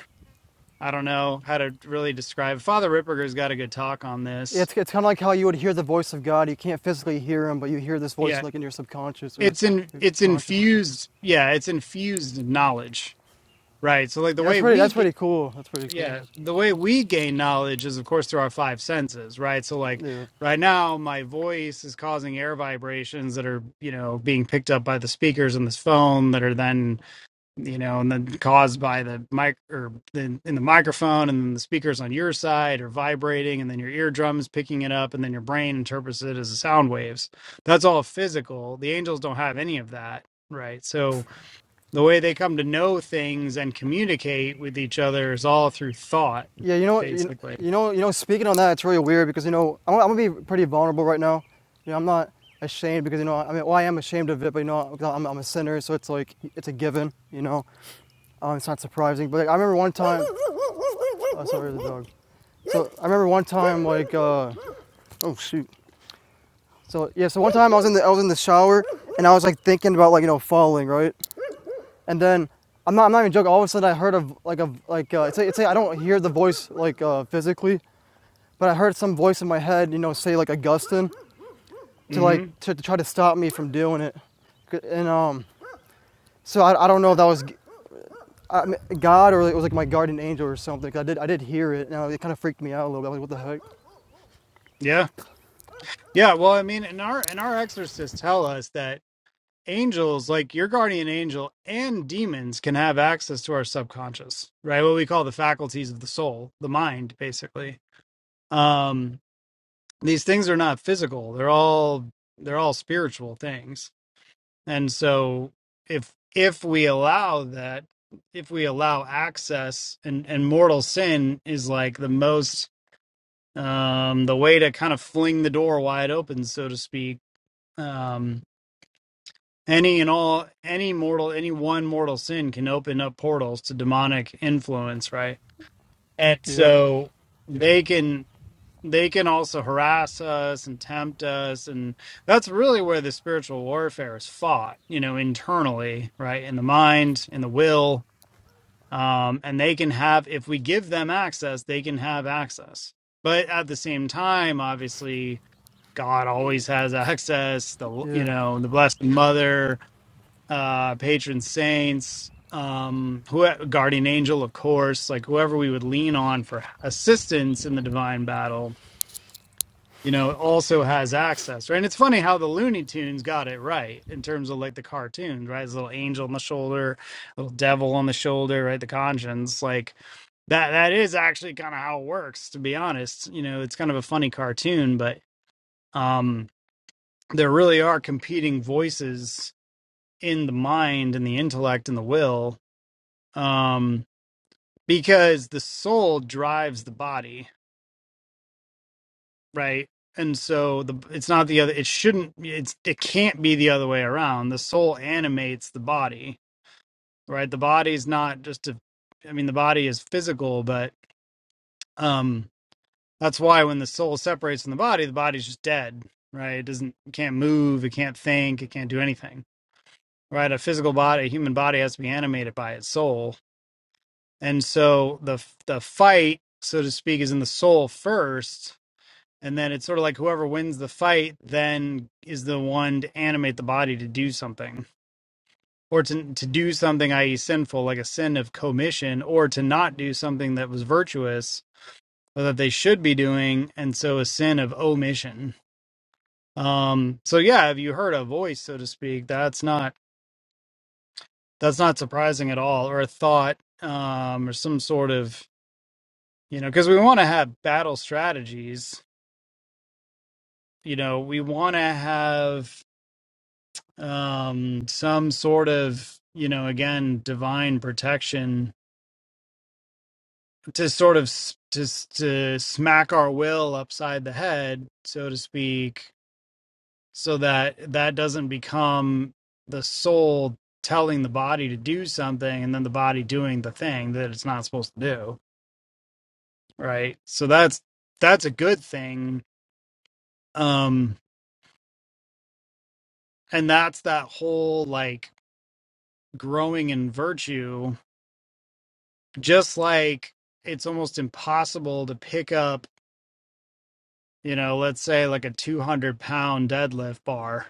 S2: I don't know how to really describe. Father Ripperger's got a good talk on this.
S4: It's, it's kind of like how you would hear the voice of God. You can't physically hear him, but you hear this voice
S2: Yeah,
S4: like in your subconscious or
S2: it's in
S4: your
S2: it's
S4: conscious or something.
S2: infused. Yeah, it's infused knowledge, right? So like the
S4: Yeah, that's
S2: way
S4: pretty.
S2: we
S4: That's
S2: g-
S4: pretty cool. That's pretty
S2: yeah
S4: cool.
S2: the way we gain knowledge is of course through our five senses, right? So like
S4: Yeah.
S2: right now my voice is causing air vibrations that are you know being picked up by the speakers in this phone that are then you know, and then caused by the mic or the, in the microphone, and then the speakers on your side are vibrating, and then your eardrums picking it up, and then your brain interprets it as sound waves. That's all physical. The angels don't have any of that, right? So the way they come to know things and communicate with each other is all through thought,
S4: Yeah, you know, you
S2: basically.
S4: you know, you know. Speaking on that, it's really weird because you know I'm, I'm gonna be pretty vulnerable right now. You know, I'm not ashamed because you know I mean, well, I am ashamed of it, but you know i 'cause I'm, I'm a sinner, so it's like it's a given. You know, um, it's not surprising. But like, I remember one time. <laughs> Oh, sorry, the dog. So I remember one time like, uh, oh shoot. So yeah, so one time I was in the I was in the shower and I was like thinking about like you know falling right, and then I'm not I'm not even joking. All of a sudden I heard of like a like uh, it's, a, it's a I don't hear the voice like uh, physically, but I heard some voice in my head you know say like Augustine, to like
S2: hmm
S4: to, to try to stop me from doing it, and um so I, I don't know if that was God or it was like my guardian angel or something. I did I did hear it and it kind of freaked me out a little bit. I was like what the heck?
S2: Yeah, yeah. Well, I mean, and our and our exorcists tell us that. angels, like your guardian angel and demons, can have access to our subconscious, right? What we call the faculties of the soul, the mind, basically. Um, these things are not physical; they're all they're all spiritual things. And so, if if we allow that, if we allow access, and and mortal sin is like the most um the way to kind of fling the door wide open so to speak um Any and all, any mortal, any one mortal sin can open up portals to demonic influence, right? And
S4: Yep.
S2: so they can they can also harass us and tempt us and that's really where the spiritual warfare is fought you know internally right in the mind in the will um and they can have if we give them access they can have access but at the same time obviously god always has <laughs> access the you
S4: Yeah.
S2: know the blessed mother uh, patron saints, um, who guardian angel, of course, like whoever we would lean on for assistance in the divine battle, you know, also has access, right? And it's funny how the Looney Tunes got it right in terms of like the cartoons, right? His little angel on the shoulder, little devil on the shoulder, right? The conscience, like that. That is actually kind of how it works, to be honest. You know, it's kind of a funny cartoon, but um, there really are competing voices in the mind and the intellect and the will um, because the soul drives the body, right? And so the it's not the other. It shouldn't. It's it can't be the other way around. The soul animates the body, right? The body's not just a. I mean, the body is physical, but um, that's why when the soul separates from the body, the body's just dead, right? It doesn't it can't move, it can't think, it can't do anything, right? A physical body, a human body, has to be animated by its soul, And so the the fight, so to speak, is in the soul first, and then it's sort of like whoever wins the fight then is the one to animate the body to do something, or to to do something, i.e., sinful, like a sin of commission, or to not do something that was virtuous or that they should be doing, and so a sin of omission. Um, so yeah, if you heard a voice, so to speak, that's not that's not surprising at all, or a thought, um, or some sort of you know because we want to have battle strategies you know we want to have um some sort of you know again divine protection to sort of s- to s- to smack our will upside the head so to speak so that that doesn't become the soul telling the body to do something and then the body doing the thing that it's not supposed to do right so that's that's a good thing um and that's that whole like growing in virtue just like it's almost impossible to pick up you know let's say like a 200 pound deadlift bar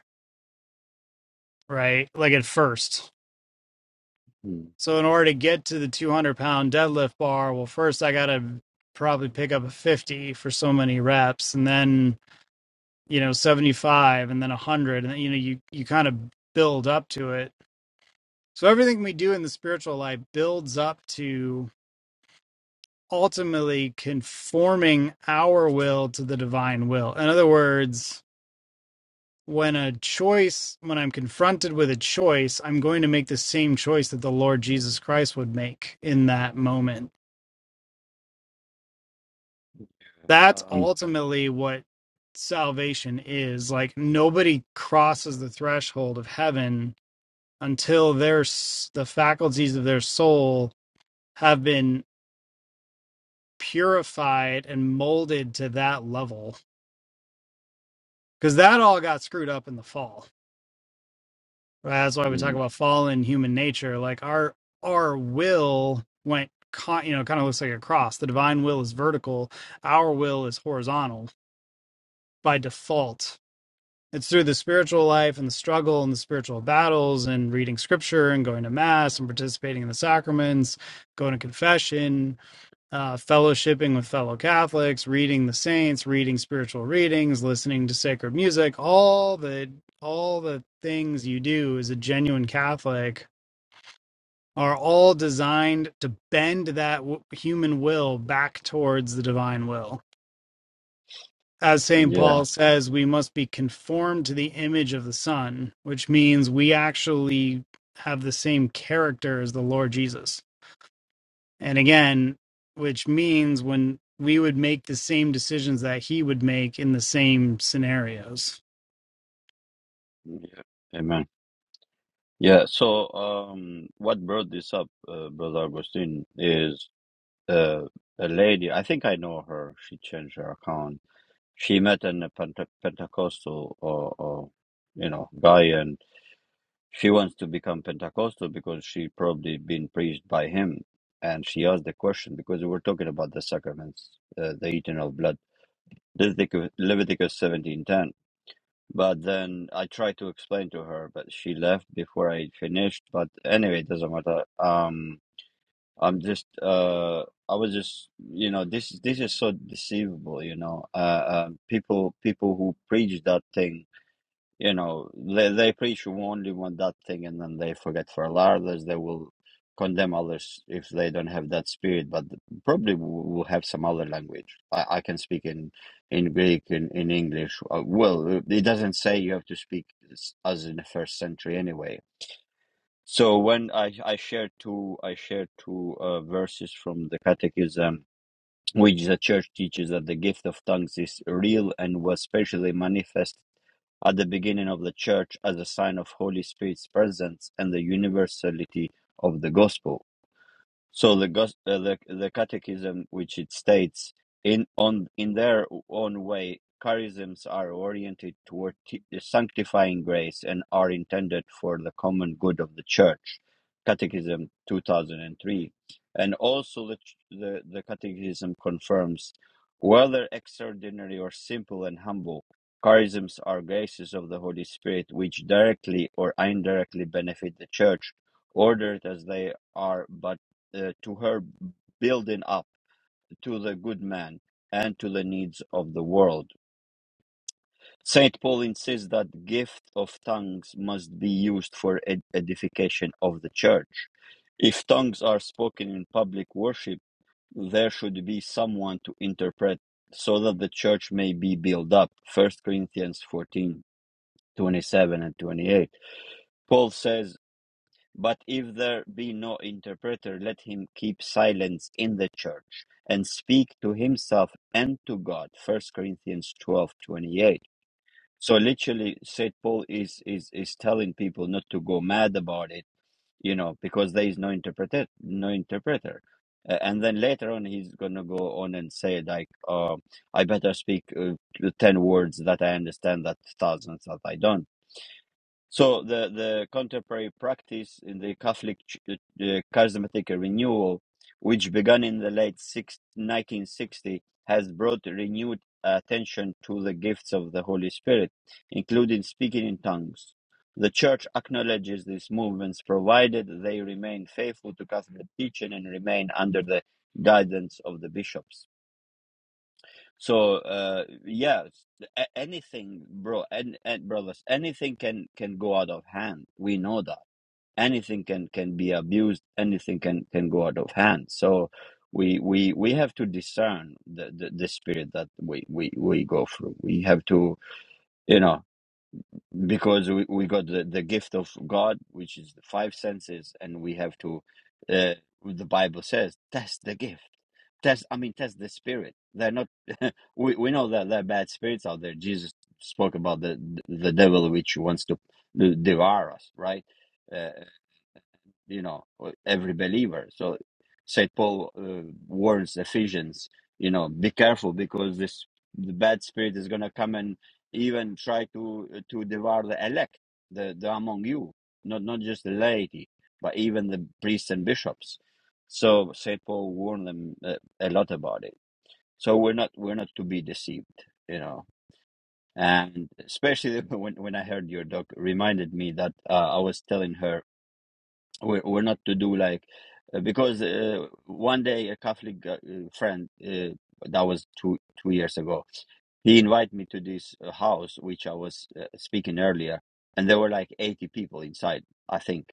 S2: right like at first
S1: Hmm.
S2: so in order to get to the 200 pound deadlift bar well first i gotta probably pick up a 50 for so many reps and then you know 75 and then 100 and then, you know you you kind of build up to it so everything we do in the spiritual life builds up to ultimately conforming our will to the divine will. In other words, when a choice, when I'm confronted with a choice, I'm going to make the same choice that the Lord Jesus Christ would make in that moment. That's
S1: um
S2: ultimately what salvation is. Like nobody crosses the threshold of heaven until their the faculties of their soul have been purified and molded to that level because that all got screwed up in the fall that's why we talk
S1: mm,
S2: about fallen human nature like our our will went con- you know kind of looks like a cross the divine will is vertical our will is horizontal by default it's through the spiritual life and the struggle and the spiritual battles and reading scripture and going to mass and participating in the sacraments going to confession uh, fellowshipping with fellow catholics reading the saints reading spiritual readings listening to sacred music all the all the things you do as a genuine catholic are all designed to bend that w- human will back towards the divine will. As St.
S1: yeah
S2: Paul says, we must be conformed to the image of the Son, which means we actually have the same character as the Lord Jesus. And again, which means when we would make the same decisions that he would make in the same scenarios.
S1: yeah amen Yeah, so um, what brought this up, uh, Brother Agustin, is uh, a lady. I think I know her. She changed her account. She met an a Pente Pentecostal or, or you know guy, and she wants to become Pentecostal because she probably been preached by him. And she asked the question because we were talking about the sacraments, uh, the eternal of blood. Leviticus Leviticus seventeen ten. But then I tried to explain to her, but she left before I finished. But anyway, it doesn't matter. Um, I'm just, uh, I was just, you know, this this is so deceivable, you know. Uh, uh, people people who preach that thing. You know, they, they preach only one that thing and then they forget for others. They will condemn others if they don't have that spirit, but probably will have some other language. I, I can speak in, in Greek, in, in English. Uh, well, it doesn't say you have to speak s- as in the first century anyway. So when I, I share two I share two uh, verses from the Catechism, which the Church teaches that the gift of tongues is real and was specially manifest at the beginning of the church as a sign of Holy Spirit's presence and the universality of the gospel. So the gos- uh, the the catechism, which it states in on in their own way, charisms are oriented toward t- sanctifying grace and are intended for the common good of the church. Catechism two thousand and three, and also the ch- the the catechism confirms whether extraordinary or simple and humble. Charisms are graces of the Holy Spirit which directly or indirectly benefit the church, ordered as they are but uh, to her building up to the good man and to the needs of the world. Saint Paul insists that the gift of tongues must be used for ed- edification of the church. If tongues are spoken in public worship, there should be someone to interpret so that the church may be built up. First Corinthians 14 27 and 28. Paul says But if there be no interpreter, let him keep silence in the church, and speak to himself and to God. First Corinthians twelve twenty eight. So literally, St. Paul is, is, is telling people not to go mad about it, you know, because there is no interpreter. No interpreter. Uh, and then later on, he's going to go on and say, like, uh, I better speak uh, 10 words that I understand that thousands that I don't so the, the contemporary practice in the Catholic ch- uh, uh, charismatic renewal, which began in the late 6 nineteen sixties, has brought renewed attention to the gifts of the Holy Spirit, including speaking in tongues. The Church acknowledges these movements, provided they remain faithful to Catholic teaching and remain under the guidance of the bishops. So uh, yeah, a- anything, bro, and, and brothers, anything can can go out of hand. We know that anything can can be abused. Anything can can go out of hand. So we we we have to discern the the, the spirit that we, we we go through. We have to, you know because we, we got the, the gift of God, which is the five senses, and we have to, uh, the Bible says, test the gift. Test, I mean, test the spirit. They're not, <laughs> we, we know that there are bad spirits out there. Jesus spoke about the, the devil which wants to devour us, right? uh you know every believer so saint paul uh, warns ephesians you know be careful because this the bad spirit is going to come and even try to to devour the elect the, the among you not not just the laity but even the priests and bishops so saint paul warned them uh, a lot about it so we're not we're not to be deceived you know and especially <laughs> when, when i heard your doc reminded me that uh, i was telling her we're, we're not to do like uh, because uh, one day a Catholic uh, friend uh, that was two two years ago, he invited me to this uh, house which I was uh, speaking earlier, and there were like eighty people inside, I think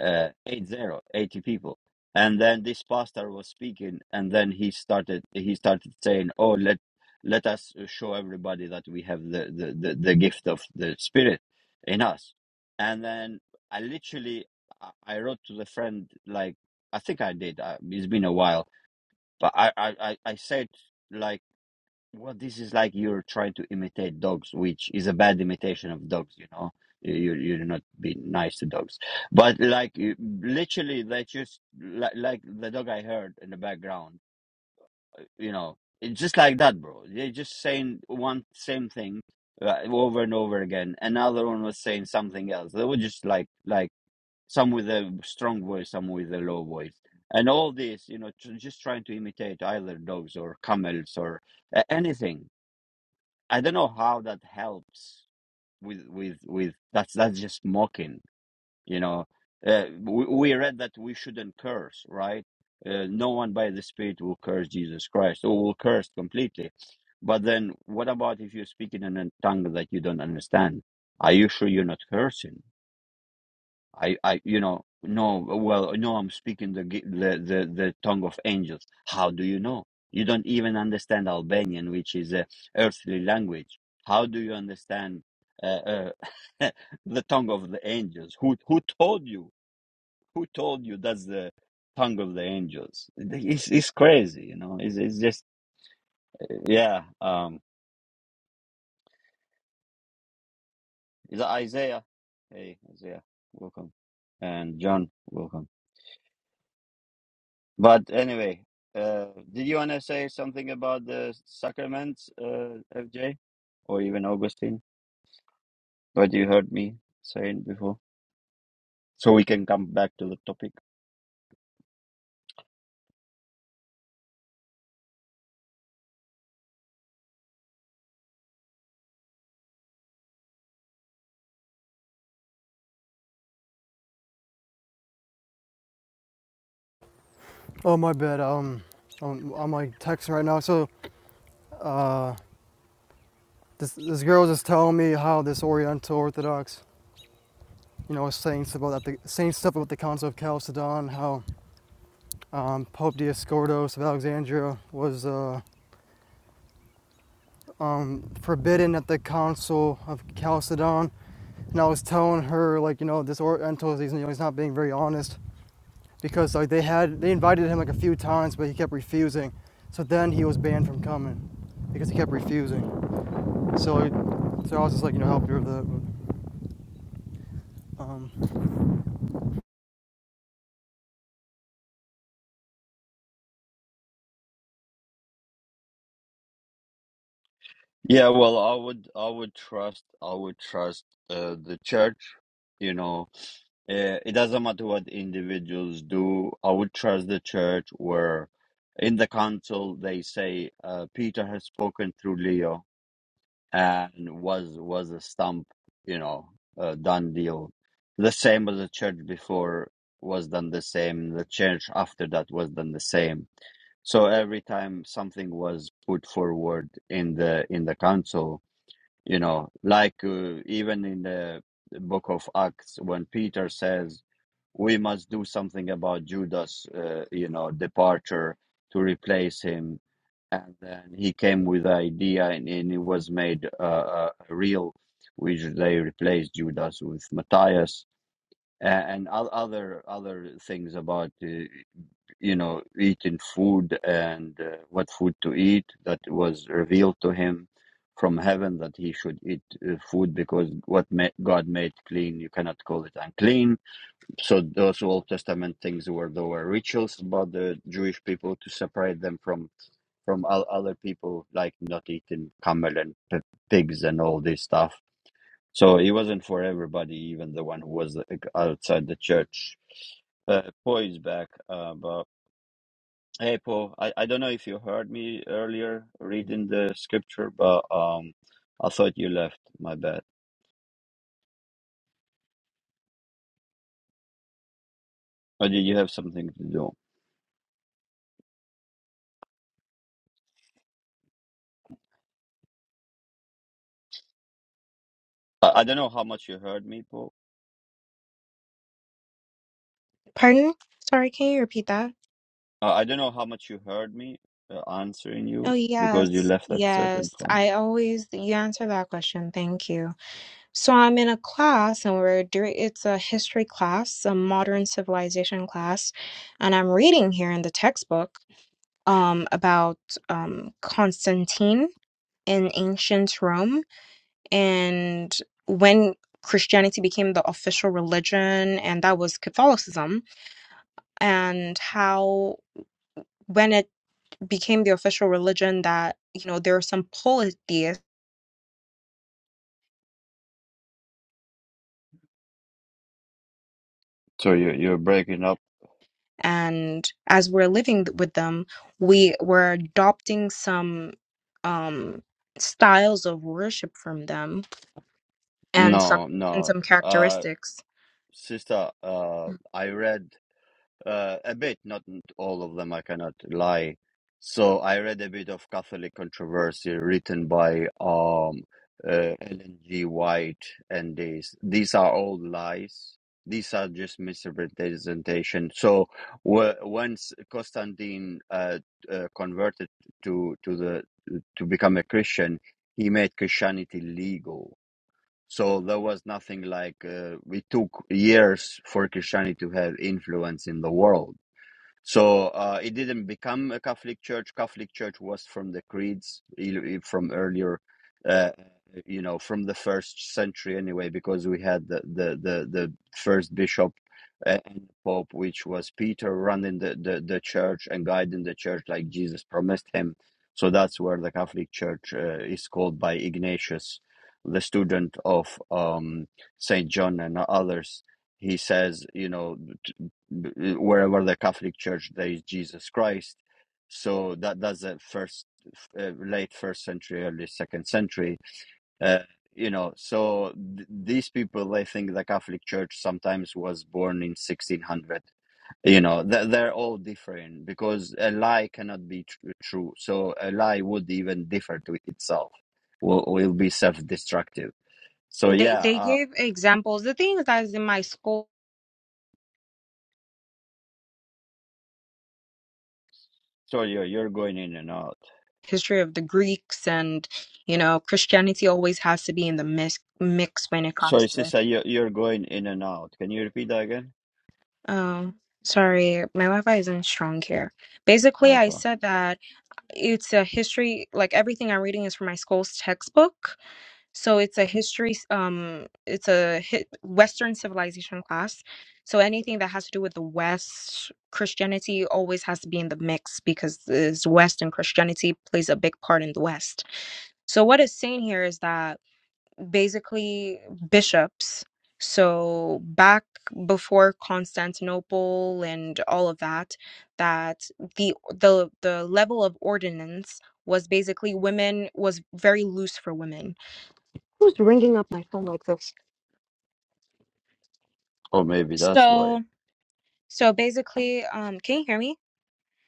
S1: uh, eight zero eighty people. And then this pastor was speaking, and then he started he started saying, "Oh, let let us show everybody that we have the the, the, the gift of the Spirit in us." And then I literally I I wrote to the friend like I think I did. I, it's been a while, but I I I I said like. Well, this is like you're trying to imitate dogs, which is a bad imitation of dogs, you know. You you you're not being nice to dogs. But like you- literally they just like, like the dog I heard in the background, uh, you know. It's just like that, bro. They're just saying one same thing uh, over and over again. Another one was saying something else. They were just like like some with a strong voice, some with a low voice. And all this, you know, tr- just trying to imitate either dogs or camels or a- anything I don't know how that helps with with with that's that's just mocking, you know. Uh, we, we read that we shouldn't curse, right? Uh, no one by the Spirit will curse Jesus Christ or will curse completely. But then, what about if you're speaking in a tongue that you don't understand? Are you sure you're not cursing? I, I, you know, no, well, no, I'm speaking the, gi- the, the, the tongue of angels. How do you know? You don't even understand Albanian, which is a earthly language. How do you understand uh, uh, <laughs> the tongue of the angels? Who, who told you? Who told you that's the tongue of the angels? It's, it's crazy, you know. It's, it's just, yeah. Um, is that Isaiah? Hey, Isaiah, welcome. And John, welcome. But anyway, uh, did you want to say something about the sacraments, uh, FJ, or even Augustine? What you heard me saying before, so we can come back to the topic.
S4: Oh my bad. Um, I'm, I'm like texting right now. So uh. This, this girl was just telling me how this Oriental Orthodox, you know, was saying stuff about that, the saying stuff about the Council of Chalcedon, how um, Pope Dioscordos of Alexandria was uh, um, forbidden at the Council of Chalcedon, and I was telling her like, you know, this Oriental, he's, you know, he's not being very honest because like they had they invited him like a few times, but he kept refusing. So then he was banned from coming because he kept refusing. So, like, so I was just like, you know, help you with that. But, um,
S1: Yeah, well, I would, I would trust, I would trust uh, the church. You know, uh, it doesn't matter what individuals do. I would trust the church where, in the council, they say uh, Peter has spoken through Leo and was was a stump, you know, a done deal. The same as the church before was done the same. The church after that was done the same. So every time something was put forward in the in the council, you know, like uh, even in the book of Acts when Peter says we must do something about Judas, uh, you know, departure to replace him and then he came with the idea and, and it was made uh, uh, real which they replaced judas with matthias and, and other other things about uh, you know eating food and uh, what food to eat that was revealed to him from heaven that he should eat uh, food because what ma- god made clean you cannot call it unclean so those old testament things were there were rituals about the jewish people to separate them from from o- other people like not eating camel and p- pigs and all this stuff. So it wasn't for everybody, even the one who was like, outside the church. Uh, po is back, uh, but hey, po, I, I don't know if you heard me earlier reading the scripture, but um, I thought you left. My bad. Or did you have something to do? I, I don't know how much you heard me, po.
S3: Pardon? Sorry, can you repeat that?
S1: Uh, I don't know how much you heard me uh, answering
S3: Oh,
S1: you because you
S3: yes.
S1: left at certain
S3: Yes.
S1: point.
S3: I always, you answer that question. Thank you. So I'm in a class and we're doing, it's a history class, a modern civilization class, and I'm reading here in the textbook um about um Constantine in ancient Rome. and when Christianity became the official religion, and that was Catholicism, and how when it became the official religion, that you know there are some polytheists,
S1: So you you're breaking up
S3: and as we're living with them, we were adopting some um, styles of worship from them, and some
S1: No,
S3: and
S1: no.
S3: some
S1: Uh,
S3: characteristics.
S1: sister, uh, I read uh, a bit, not all of them, I cannot lie. So I read a bit of Catholic controversy written by um, uh, Ellen G. White, and these these are all lies. These are just misrepresentation. So wh- once Constantine uh, uh, converted to to the to become a Christian, he made Christianity legal so there was nothing like uh, we took years for Christianity to have influence in the world. So uh, it didn't become a Catholic church. Catholic church was from the creeds e- e- from earlier, uh, you know, from the first century anyway, because we had the the the, the first bishop uh, and pope, which was Peter, running the, the the church and guiding the church like Jesus promised him. So that's where the Catholic Church uh, is called by Ignatius, the student of um, Saint John and others. He says, you know b- wherever the Catholic Church there is Jesus Christ. So that that's the first, uh, late first century, early second century. Uh, you know, so th- these people they think the Catholic Church sometimes was born in 1600. You know, th- they're all different because a lie cannot be tr- true. So a lie would even differ to itself. Will will be self destructive. So
S3: They
S1: yeah,
S3: they
S1: uh,
S3: gave examples. The thing is that is in my school
S1: sorry, you're you're going in and out.
S3: history of the Greeks and you know Christianity always has to be in the mix mix when it
S1: So
S3: comes
S1: Sorry,
S3: to
S1: sister, you you're going in and out. Can you repeat that again?
S3: oh sorry my Wi-Fi isn't strong here basically
S1: I'm
S3: I
S1: sorry.
S3: said that it's a history like everything I'm reading is from my school's textbook so it's a history s- um it's a hi- Western civilization class so anything that has to do with the West Christianity always has to be in the mix because this West and Christianity plays a big part in the West so what it's saying here is that basically bishops. So back before Constantinople and all of that, that the the the level of ordinance was basically women was very loose for women. Who's ringing up my phone like this?
S1: Oh, maybe that's why.
S3: So so basically, um, can you hear me?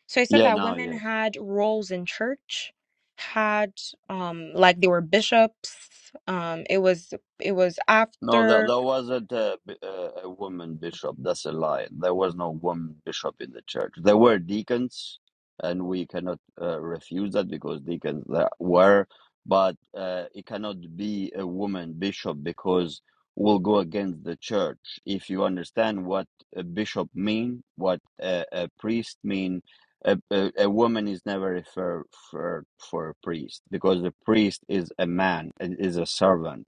S3: So I said
S1: Yeah,
S3: that
S1: now
S3: women
S1: yes.
S3: had roles in church, had um like they were bishops. Um, it was it was
S1: No, there,
S3: after.
S1: there wasn't a, b- a a woman bishop. That's a lie. There was no woman bishop in the church. There were deacons, and we cannot uh, refuse that because deacons there were, but uh, it cannot be a woman bishop because will go against the church. If you understand what a bishop mean, what a, a priest mean, a, a, a woman is never referred for, for a priest because the priest is a man, and is a servant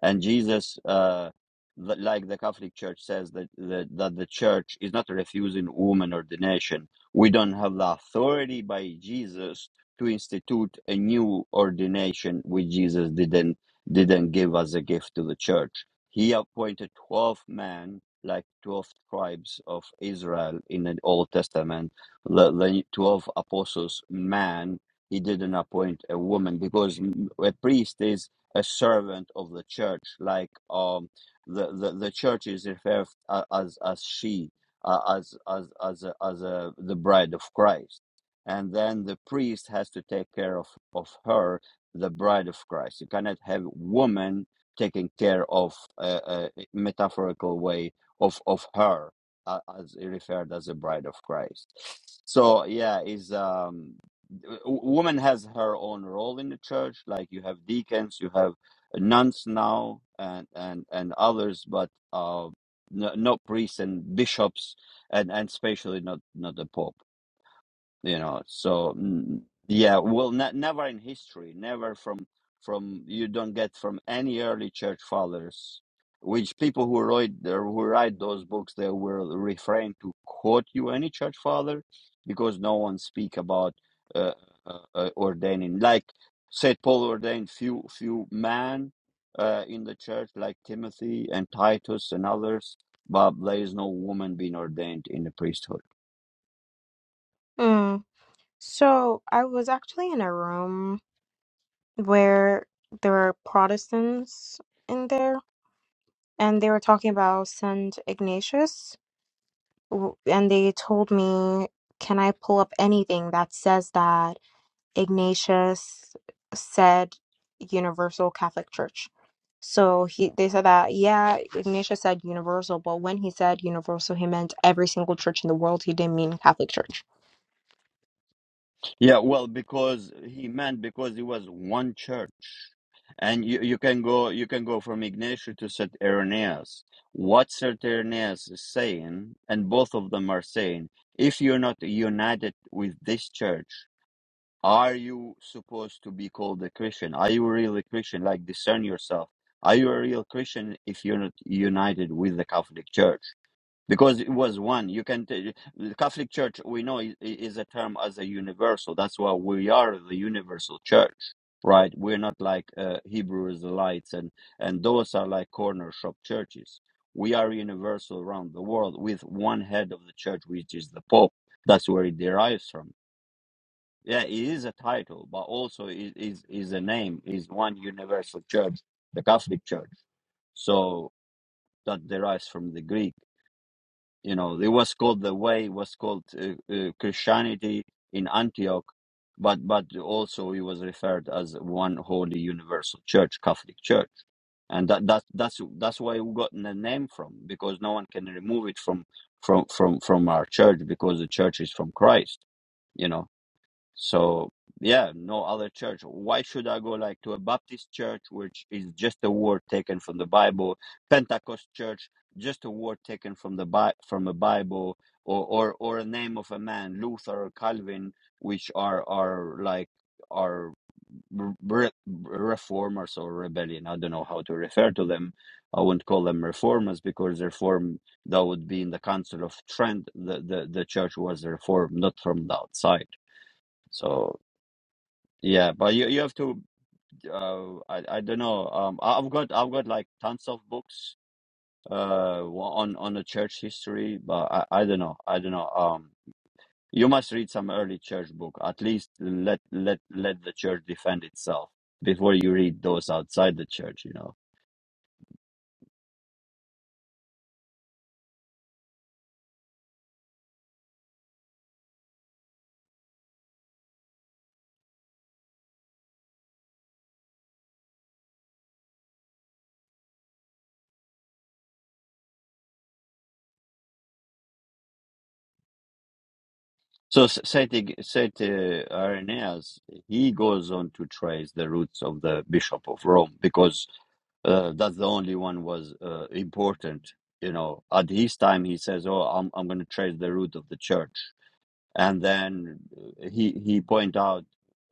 S1: and Jesus, uh, li- like the Catholic Church says that, that that the Church is not refusing woman ordination. We don't have the authority by Jesus to institute a new ordination, which Jesus didn't didn't give as a gift to the Church. He appointed twelve men, like twelve tribes of Israel in the Old Testament, the, the twelve apostles, man. He didn't appoint a woman because a priest is a servant of the church, like um, the, the the church is referred as as she, uh, as as as a, as a, the bride of Christ, and then the priest has to take care of of her, the bride of Christ. You cannot have woman taking care of a, a metaphorical way of of her uh, as referred as the bride of Christ. So yeah, is um woman has her own role in the church like you have deacons you have nuns now and and and others but uh no, not priests and bishops and and especially not not the pope you know so mm, yeah well ne- never in history never from from you don't get from any early church fathers which people who write or who write those books they will refrain to quote you any church father because no one speak about uh, uh, uh, ordaining like saint paul ordained few few men uh, in the church like timothy and titus and others but there is no woman being ordained in the priesthood
S3: So I was actually in a room where there were Protestants in there, and they were talking about Saint Ignatius, w- and they told me, "Can I pull up anything that says that?" Ignatius said universal Catholic Church. So he they said that yeah, Ignatius said universal, but when he said universal, he meant every single church in the world. He didn't mean Catholic Church.
S1: Yeah, well, because he meant because it was one church, and you, you can go you can go from Ignatius to St. Irenaeus. What St. Irenaeus is saying, and both of them are saying, if you're not united with this church, are you supposed to be called a Christian? Are you really a Christian? Like discern yourself. Are you a real Christian if you're not united with the Catholic Church? because it was one you can t- the catholic church we know i- i- is a term as a universal that's why we are the universal church right we're not like uh, hebrew israelites and and those are like corner shop churches we are universal around the world with one head of the church which is the pope that's where it derives from yeah it is a title but also it is is a name is one universal church the catholic church so that derives from the greek you know it was called the way it was called uh, uh, christianity in antioch but but also it was referred as one holy universal church catholic church and that, that that's that's why we got the name from because no one can remove it from from from from our church because the church is from christ you know so yeah, no other church. Why should I go like to a Baptist church, which is just a word taken from the Bible, Pentecost church, just a word taken from the Bi- from a Bible, or or or a name of a man, Luther or Calvin, which are are like are re- reformers or rebellion. I don't know how to refer to them. I won't call them reformers because reform that would be in the Council of Trent. The the, the church was reformed, not from the outside. So. Yeah, but you you have to uh I I don't know. Um I- I've got I've got like tons of books uh wa- on on the church history, but I I don't know. I don't know. Um you must read some early church book. At least let let let the church defend itself before you read those outside the church, you know. So S- Saint, Saint uh, Irenaeus, he goes on to trace the roots of the Bishop of Rome because uh, that's the only one was uh, important. You know, at his time, he says, "Oh, I'm I'm going to trace the root of the Church." and then uh, he he point out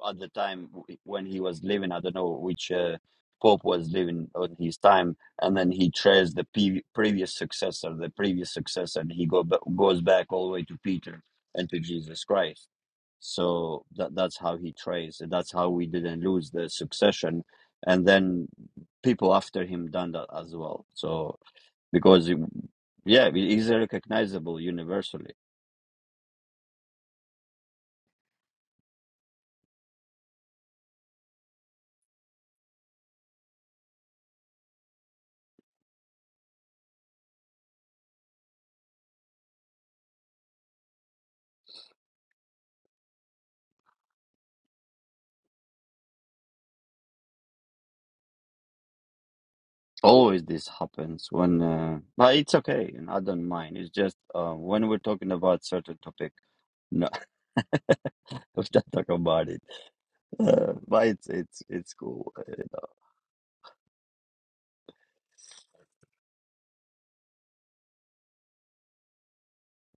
S1: at the time when he was living i don't know which uh, pope was living on his time and then he traced the pe- previous successor the previous successor and he go ba- goes back all the way to peter and to jesus christ so that that's how he traced that's how we didn't lose the succession and then people after him done that as well so because yeah he's recognizable universally Always this happens when, uh, but it's okay, and I don't mind. It's just uh, when we're talking about certain topic, no, <laughs> we don't talk about it. Uh, but it's it's it's cool. Uh, you know.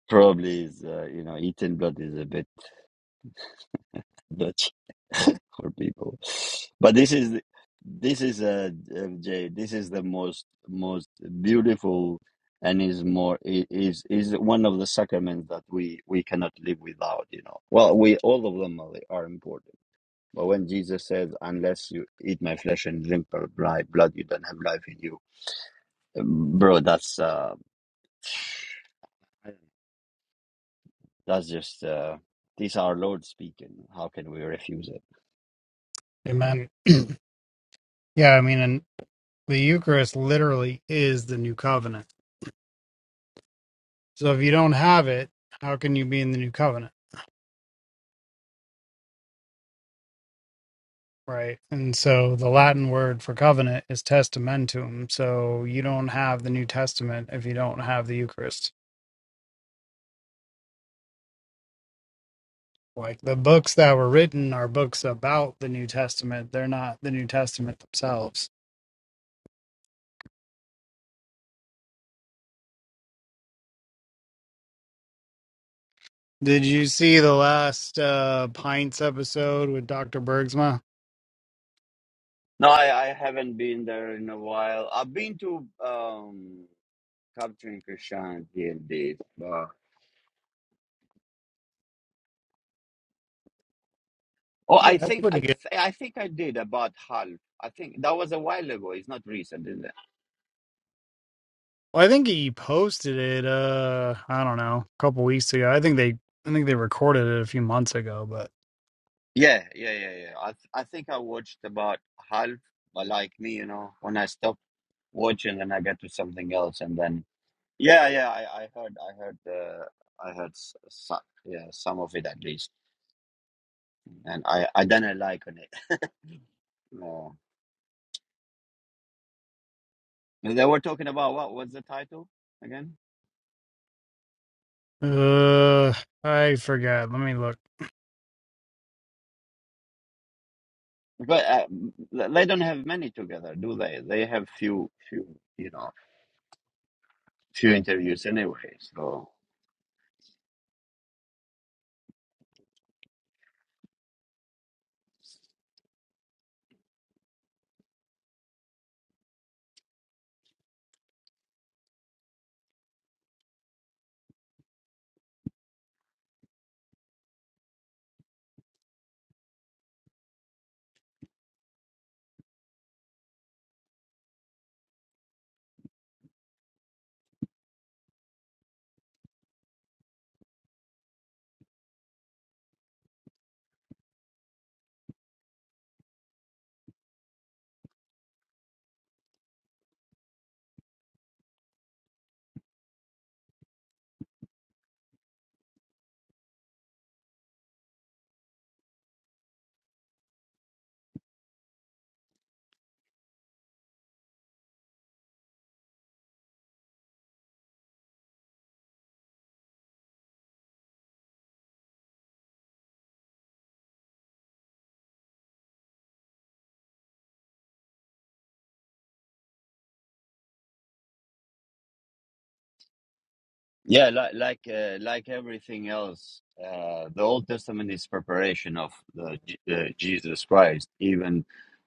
S1: Probably is uh, you know eating blood is a bit Dutch <laughs> for people, but this is this is uh, uh, Jay. This is the most most beautiful and is more i- is is one of the sacraments that we we cannot live without. You know, well, we all of them are, are important But when Jesus says, "Unless you eat my flesh and drink my blood, you don't have life in you," um, bro, that's uh, that's just uh, these are Lord speaking. How can we refuse it?
S2: Amen. <clears throat> Yeah, I mean, and the Eucharist literally is the new covenant. So if you don't have it, how can you be in the new covenant? Right. And so the Latin word for covenant is testamentum. So you don't have the New Testament if you don't have the Eucharist. Like the books that were written are books about the New Testament. They're not the New Testament themselves. Did you see the last uh, Pints episode with Dr. Bergsma?
S1: No, I, I haven't been there in a while. I've been to um, capturing Christianity indeed. But, oh,
S2: Yeah,
S1: I
S2: that's
S1: think
S2: pretty
S1: I th-
S2: good.
S1: I think I did about half. I think that was a while ago. It's not recent, is it?
S2: Well, I think he posted it uh I don't know, a couple weeks ago. I think they I think they recorded it a few months ago, but
S1: Yeah, yeah, yeah, yeah. I th- I think I watched about half. But like me, you know, when I stopped. watch and then I get to something else and then yeah yeah I, I heard I heard uh, I heard s- so, yeah some of it at least and I I didn't like on it <laughs> no And they were talking about what was the title again
S2: Uh, I forgot. Let me look.
S1: but uh, th- they don't have many together do they they have few few you know few interviews anyway so Yeah, like like uh, like everything else, uh, the Old Testament is preparation of the, J- uh, Jesus Christ, even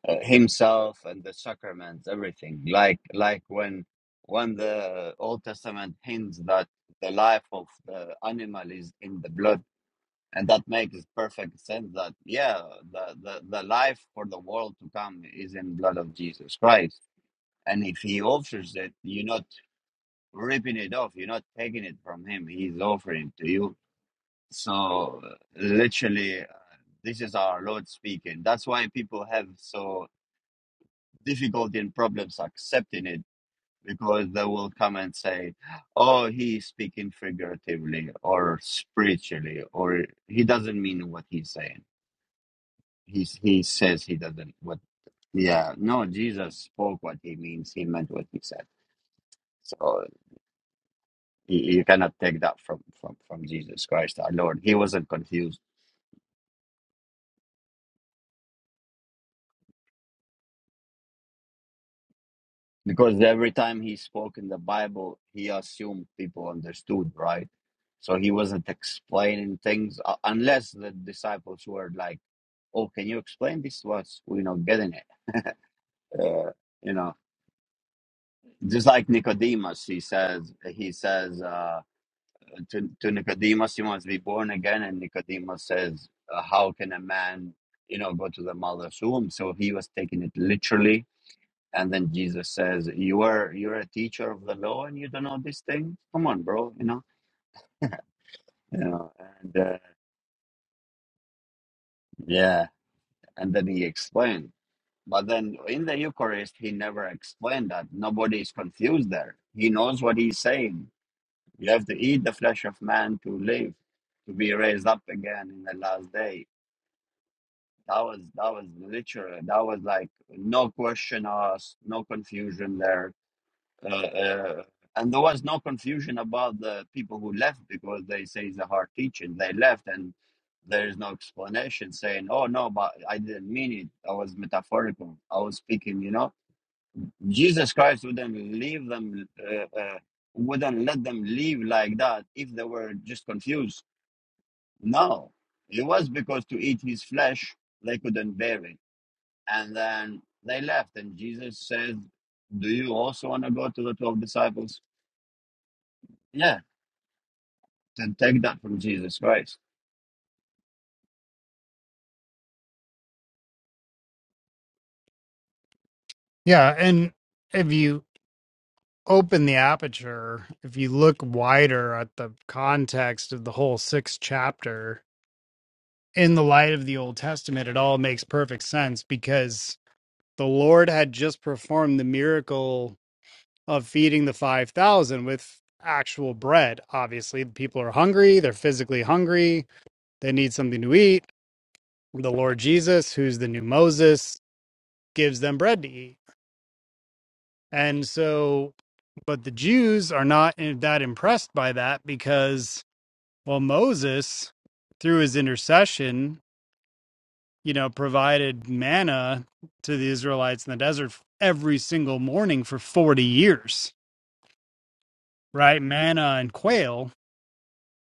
S1: uh, himself and the sacraments, everything. Like like when when the Old Testament hints that the life of the animal is in the blood, and that makes perfect sense. That yeah, the the, the life for the world to come is in blood of Jesus Christ, and if He offers it, you know ripping it off. You're not taking it from him. He's offering it to you. So uh, literally, uh, this is our Lord speaking. That's why people have so difficulty and problems accepting it because they will come and say, "Oh, he's speaking figuratively or spiritually, or he doesn't mean what he's saying. He's he says he doesn't what." Yeah, no, Jesus spoke what he means. He meant what he said. So You, you cannot take that from, from, from Jesus Christ our Lord. He wasn't confused because every time he spoke in the Bible, he assumed people understood, right? So he wasn't explaining things uh, unless the disciples were like, oh, can you explain this to us? We're not getting it. Uh, you know, just like Nicodemus, he says, he says uh, to, to Nicodemus, you must be born again. And Nicodemus says, uh, how can a man you know, go to the mother's womb. So he was taking it literally And then Jesus says, "You are you're a teacher of the law, and you don't know these things. Come on, bro. You know, you know." And uh, yeah, and then he explained. But then in the Eucharist, he never explained that. Nobody is confused there. He knows what he's saying. You have to eat the flesh of man to live, to be raised up again in the last day. That was that was literally that was like no question asked, no confusion there Uh, uh, and there was no confusion about the people who left because they say it's a hard teaching. They left and there is no explanation saying, oh, no, but I didn't mean it. I was metaphorical. I was speaking, you know. Jesus Christ wouldn't leave them, uh, uh, wouldn't let them leave like that if they were just confused. No, it was because to eat his flesh, they couldn't bear it. And then they left. And Jesus says, do you also want to go to the 12 disciples? Yeah. and take that from Jesus Christ.
S2: Yeah, and if you open the aperture, if you look wider at the context of the whole sixth chapter in the light of the Old Testament, it all makes perfect sense because the Lord had just performed the miracle of feeding the 5,000 with actual bread. Obviously, the people are hungry, they're physically hungry, they need something to eat the Lord Jesus, who's the new Moses, gives them bread to eat. And so, but the Jews are not that impressed by that because, well, Moses, through his intercession, you know, provided manna to the Israelites in the desert every single morning for 40 years, right? Manna and quail.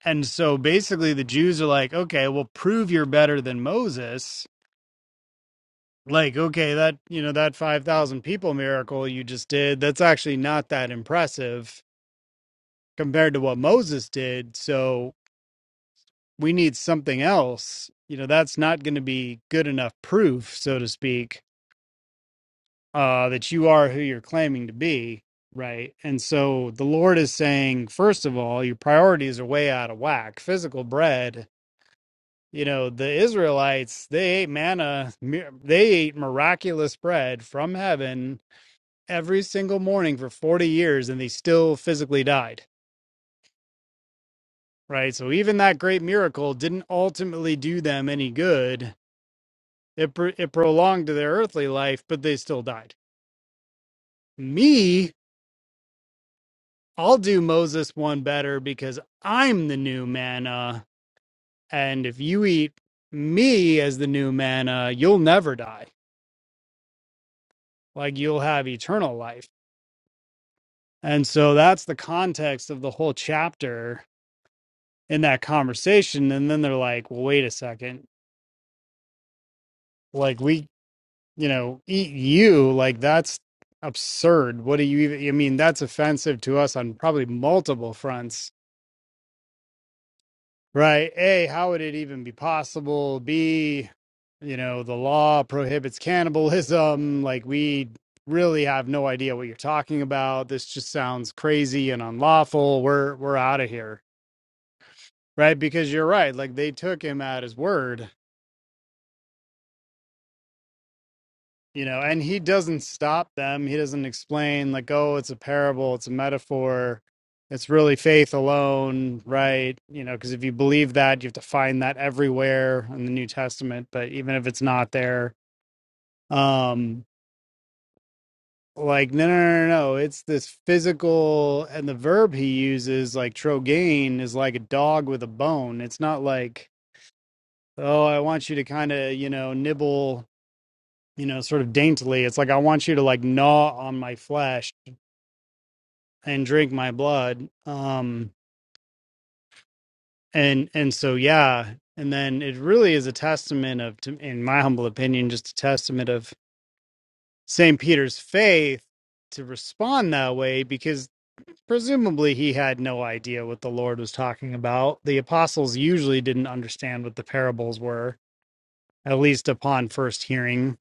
S2: And so basically, the Jews are like, okay, well, prove you're better than Moses like okay that you know that 5000 people miracle you just did that's actually not that impressive compared to what moses did so we need something else you know that's not going to be good enough proof so to speak uh that you are who you're claiming to be right and so the lord is saying first of all your priorities are way out of whack physical bread you know the israelites they ate manna mir- they ate miraculous bread from heaven every single morning for 40 years and they still physically died, right? So even that great miracle didn't ultimately do them any good. It, pr- it prolonged their earthly life, but they still died. Me, I'll do Moses one better because I'm the new manna. And if you eat me as the new manna, you'll never die. Like you'll have eternal life. And so that's the context of the whole chapter in that conversation. And then they're like, well, wait a second like we you know eat you like that's absurd what do you even i mean that's offensive to us on probably multiple fronts right a how would it even be possible b you know the law prohibits cannibalism like we really have no idea what you're talking about this just sounds crazy and unlawful we're we're out of here right because you're right like they took him at his word you know and he doesn't stop them he doesn't explain like oh it's a parable it's a metaphor it's really faith alone right you know because if you believe that you have to find that everywhere in the new testament but even if it's not there um like no no no no no, it's this physical and the verb he uses like trogain is like a dog with a bone it's not like oh i want you to kind of you know nibble you know sort of daintily it's like i want you to like gnaw on my flesh and drink my blood um and and so yeah and then it really is a testament of to- in my humble opinion just a testament of St. Peter's faith to respond that way because presumably he had no idea what the Lord was talking about the apostles usually didn't understand what the parables were at least upon first hearing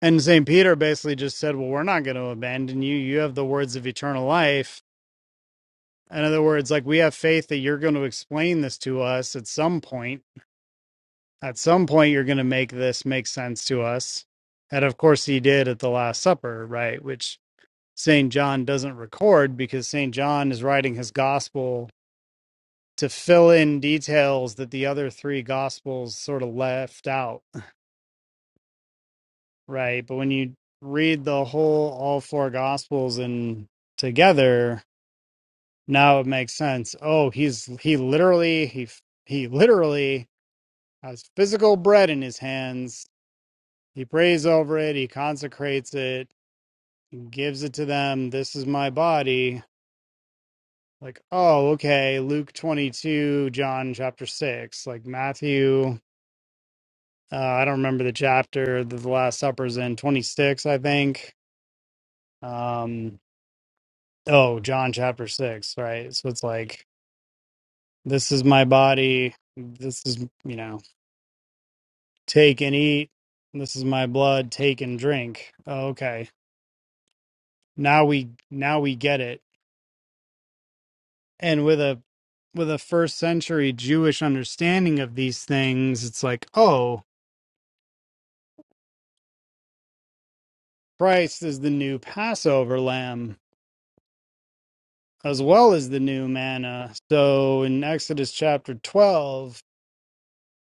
S2: and St. Peter basically just said well we're not going to abandon you you have the words of eternal life In other words, like we have faith that you're going to explain this to us at some point. At some point, you're going to make this make sense to us. And of course, he did at the Last Supper, right? Which St. John doesn't record because St. John is writing his gospel to fill in details that the other three gospels sort of left out, <laughs> right? But when you read the whole, all four gospels and together, now it makes sense. Oh, he's, he literally, he, he literally has physical bread in his hands. He prays over it, he consecrates it, he gives it to them. This is my body. Like, oh, okay, Luke 22, John chapter 6, like Matthew, uh, I don't remember the chapter that the Last Supper's in, 26, I think. Um, oh, John chapter 6, right? So it's like, this is my body. This is, you know, take and eat. This is my blood. Take and drink. Oh, okay now we now we get it and with a with a first century jewish understanding of these things it's like oh christ is the new passover lamb as well as the new manna so in exodus chapter 12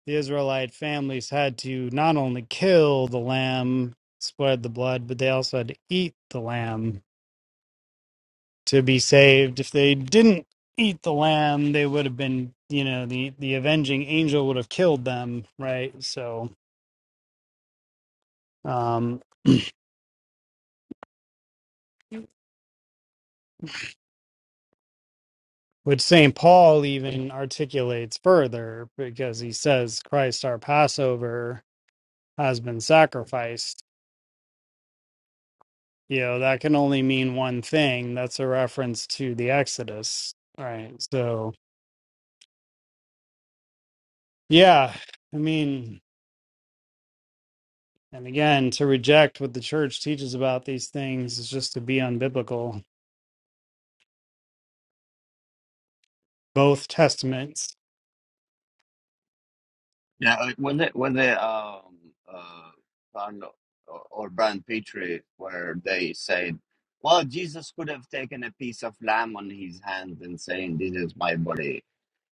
S2: the israelite families had to not only kill the lamb spread the blood but they also had to eat the lamb to be saved. If they didn't eat the lamb, they would have been, you know, the the avenging angel would have killed them, right? So, um, which Saint Paul even articulates further because he says, "Christ, our Passover, has been sacrificed." You know, that can only mean one thing. That's a reference to the Exodus, right? So, yeah, I mean. And again, to reject what the church teaches about these things is just to be unbiblical. both testaments.
S1: Yeah, like when they when they um uh found or, or Brian Petrie where they said, well, Jesus could have taken a piece of lamb on his hand and saying, "This is my body,"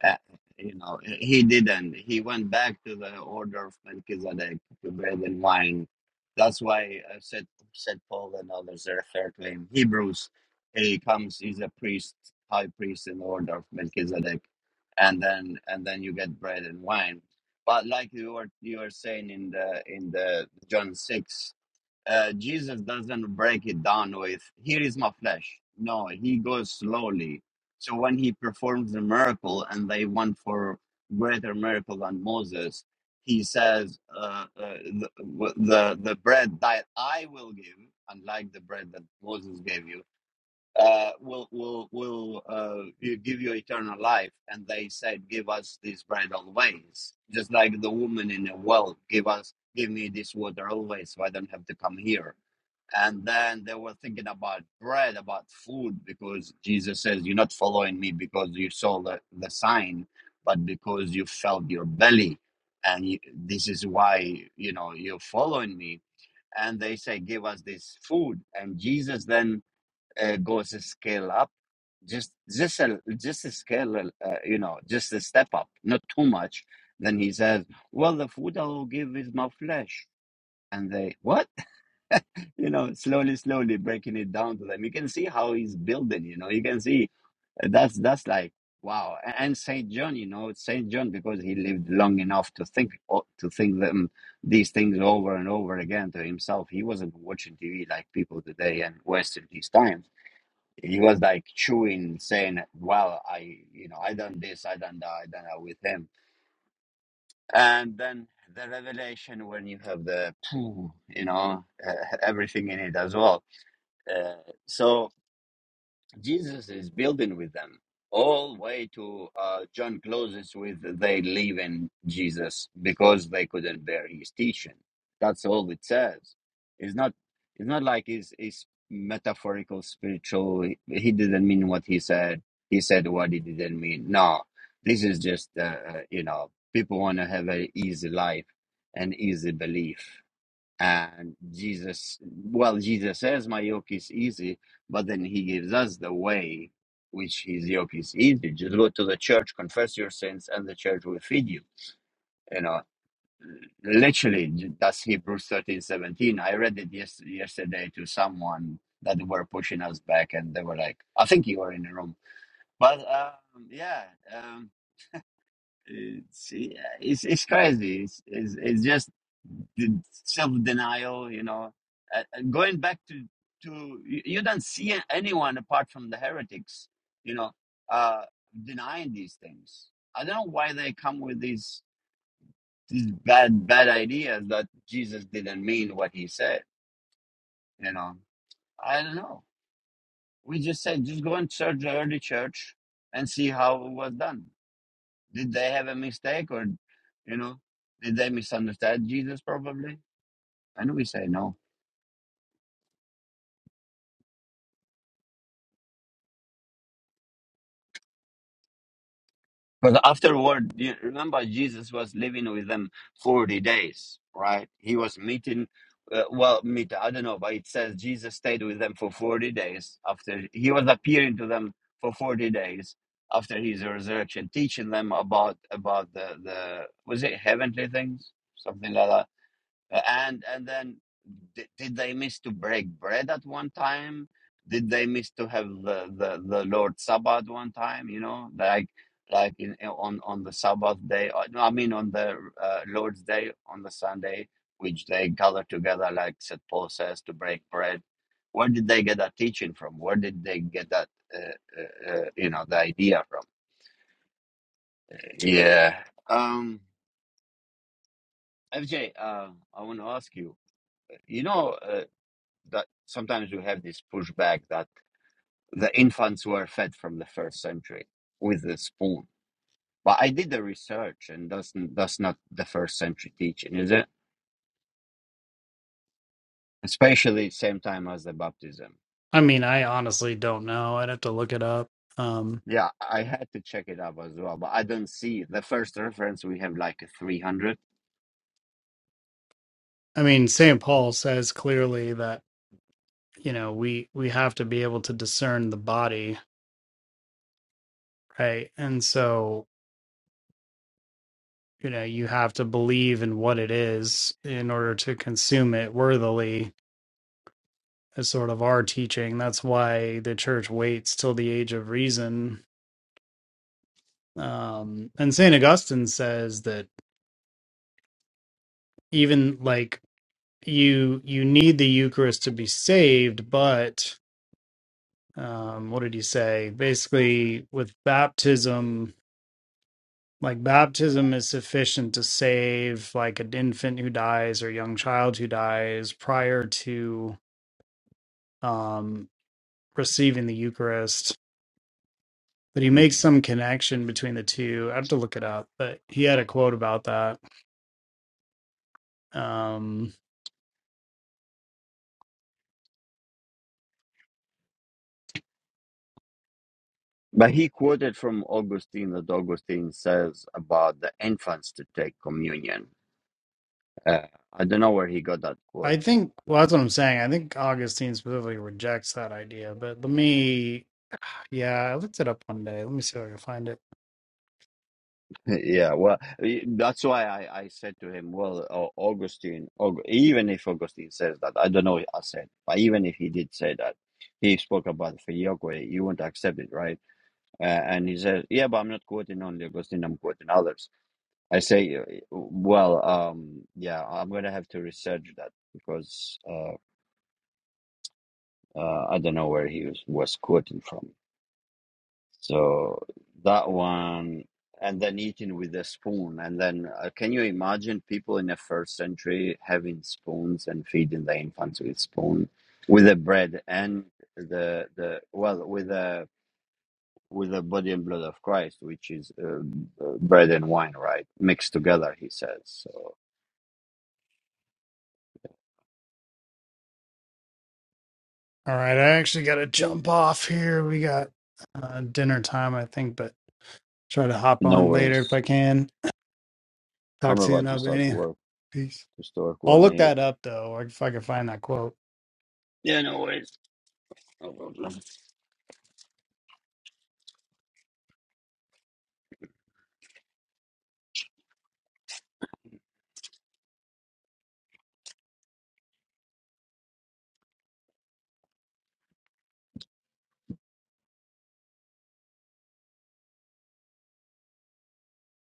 S1: Uh, you know, he didn't. He went back to the order of Melchizedek to bread and wine. That's why uh, said said Paul and others refer to him. Hebrews, he comes. He's a priest, high priest in the order of Melchizedek, and then and then you get bread and wine. But like you were you were saying in the in the John six, uh, Jesus doesn't break it down with "Here is my flesh." No, he goes slowly. So when he performs the miracle and they want for greater miracle than Moses, he says, uh, uh, the, w- "the the bread that I will give, unlike the bread that Moses gave you, uh, will will will uh, give you eternal life." And they said, "Give us this bread always," just like the woman in the well, "Give us." Give me this water always, so I don't have to come here and then they were thinking about bread, about food, because Jesus says, You're not following me because you saw the, the sign, but because you felt your belly. And you, this is why, you know, you're following me. And they say, Give us this food. And Jesus then uh, goes a scale up, just just a, just a scale, uh, you know, just a step up, not too much. Then he says, Well, the food I will give is my flesh. And they, What? you know, slowly, slowly breaking it down to them. You can see how he's building, you know, you can see uh, that's that's like wow. A- And Saint John, you know, Saint John because he lived long enough to think o- to think them these things over and over again to himself. He wasn't watching TV like people today and wasting his time. He was like chewing, saying, "Well, I, you know, I done this, I done that, I done that with him." And then the revelation when you have the, you know, uh, everything in it as well uh, so Jesus is building with them all way to uh, John closes with they leave in Jesus because they couldn't bear his teaching. That's all it says. It's not. It's not like it's, it's metaphorical, spiritual. He didn't mean what he said. He said what he didn't mean. No, this is just uh, uh, you know people want to have an easy life and easy belief. And Jesus, well, Jesus says, My yoke is easy, but then he gives us the way, which his yoke is easy. Just go to the church, confess your sins, and the church will feed you. You know, literally, that's Hebrews thirteen seventeen. I read it yes, yesterday to someone that were pushing us back, and they were like, I think you were in the room. But um, yeah, um, it's it's it's crazy. It's it's, it's just the self-denial. You know, uh, uh, going back to to you, you don't see anyone apart from the heretics. You know, uh, denying these things. I don't know why they come with these these bad bad ideas that Jesus didn't mean what he said. You know, I don't know. We just said just go and search the early church and see how it was done Did they have a mistake or, you know, did they misunderstand Jesus probably? And we say no. Because afterward, you remember Jesus was living with them 40 days, right? He was meeting, uh, well, meet, I don't know, but it says Jesus stayed with them for 40 days after he was appearing to them for 40 days after his resurrection, teaching them about, about the, the, was it heavenly things? Something like that and and then did, did they miss to break bread at one time did they miss to have the the, the Lord's sabbath one time you know like like in on on the sabbath day or, no, i mean on the uh, lord's day on the sunday which they gather together like said paul says to break bread where did they get that teaching from where did they get that uh, uh, uh, you know the idea from yeah um fj uh, i want to ask you you know uh, that sometimes we have this pushback that the infants were fed from the first century with the spoon. But I did the research, and that's that's not the first century teaching, is it? Especially same time as the baptism.
S2: I mean, I honestly don't know. I'd have to look it up. Um,
S1: Yeah, I had to check it up as well, but I don't see the first reference. We have like a three hundred.
S2: I mean, St. Paul says clearly that, you know, we we have to be able to discern the body, right? And so, you know, you have to believe in what it is in order to consume it worthily is sort of our teaching. That's why the church waits till the age of reason. Um, and St. Augustine says that even like you you need the Eucharist to be saved, but um, what did he say? Basically, with baptism, like baptism is sufficient to save like an infant who dies or young child who dies prior to um, receiving the Eucharist. But he makes
S1: Mhm.
S2: some connection between the two. I have to look it up, but he had a quote about that. Um,
S1: But he quoted from Augustine that Augustine says about the infants to take communion. Uh, I don't know where he got that quote.
S2: I think, well, that's what I'm saying. I think Augustine specifically rejects that idea, but let me Yeah, I looked it up one day. Let me see if I can find it.
S1: Yeah, well, i- that's why I, I said to him, well, Au- Augustine, Aug- even if Augustine says that, I don't know, I said, but even if he did say that, he spoke about filioque, you won't accept it, right? Uh, and he says, yeah, but I'm not quoting only Augustine, I'm quoting others. I say, uh, well, um, yeah, I'm going to have to research that because uh, uh, I don't know where he was, was quoting from. So that one, and then eating with a spoon. And then, uh, can you imagine people in the first century having spoons and feeding the infants with spoon, with the bread and the the well, with the with the body and blood of Christ, which is uh, uh, bread and wine, right, mixed together. He says so.
S2: All right, I actually got to jump off here. We got uh, dinner time, I think, but try to hop
S1: No
S2: on later if
S1: worries.
S2: I can.
S1: I'm
S2: Talk to you in
S1: about to start to
S2: Albania.
S1: work.
S2: Peace.
S1: To start
S2: I'll
S1: one
S2: look
S1: eight.
S2: that up though, or if I can find that quote.
S1: Yeah, no worries. No problem.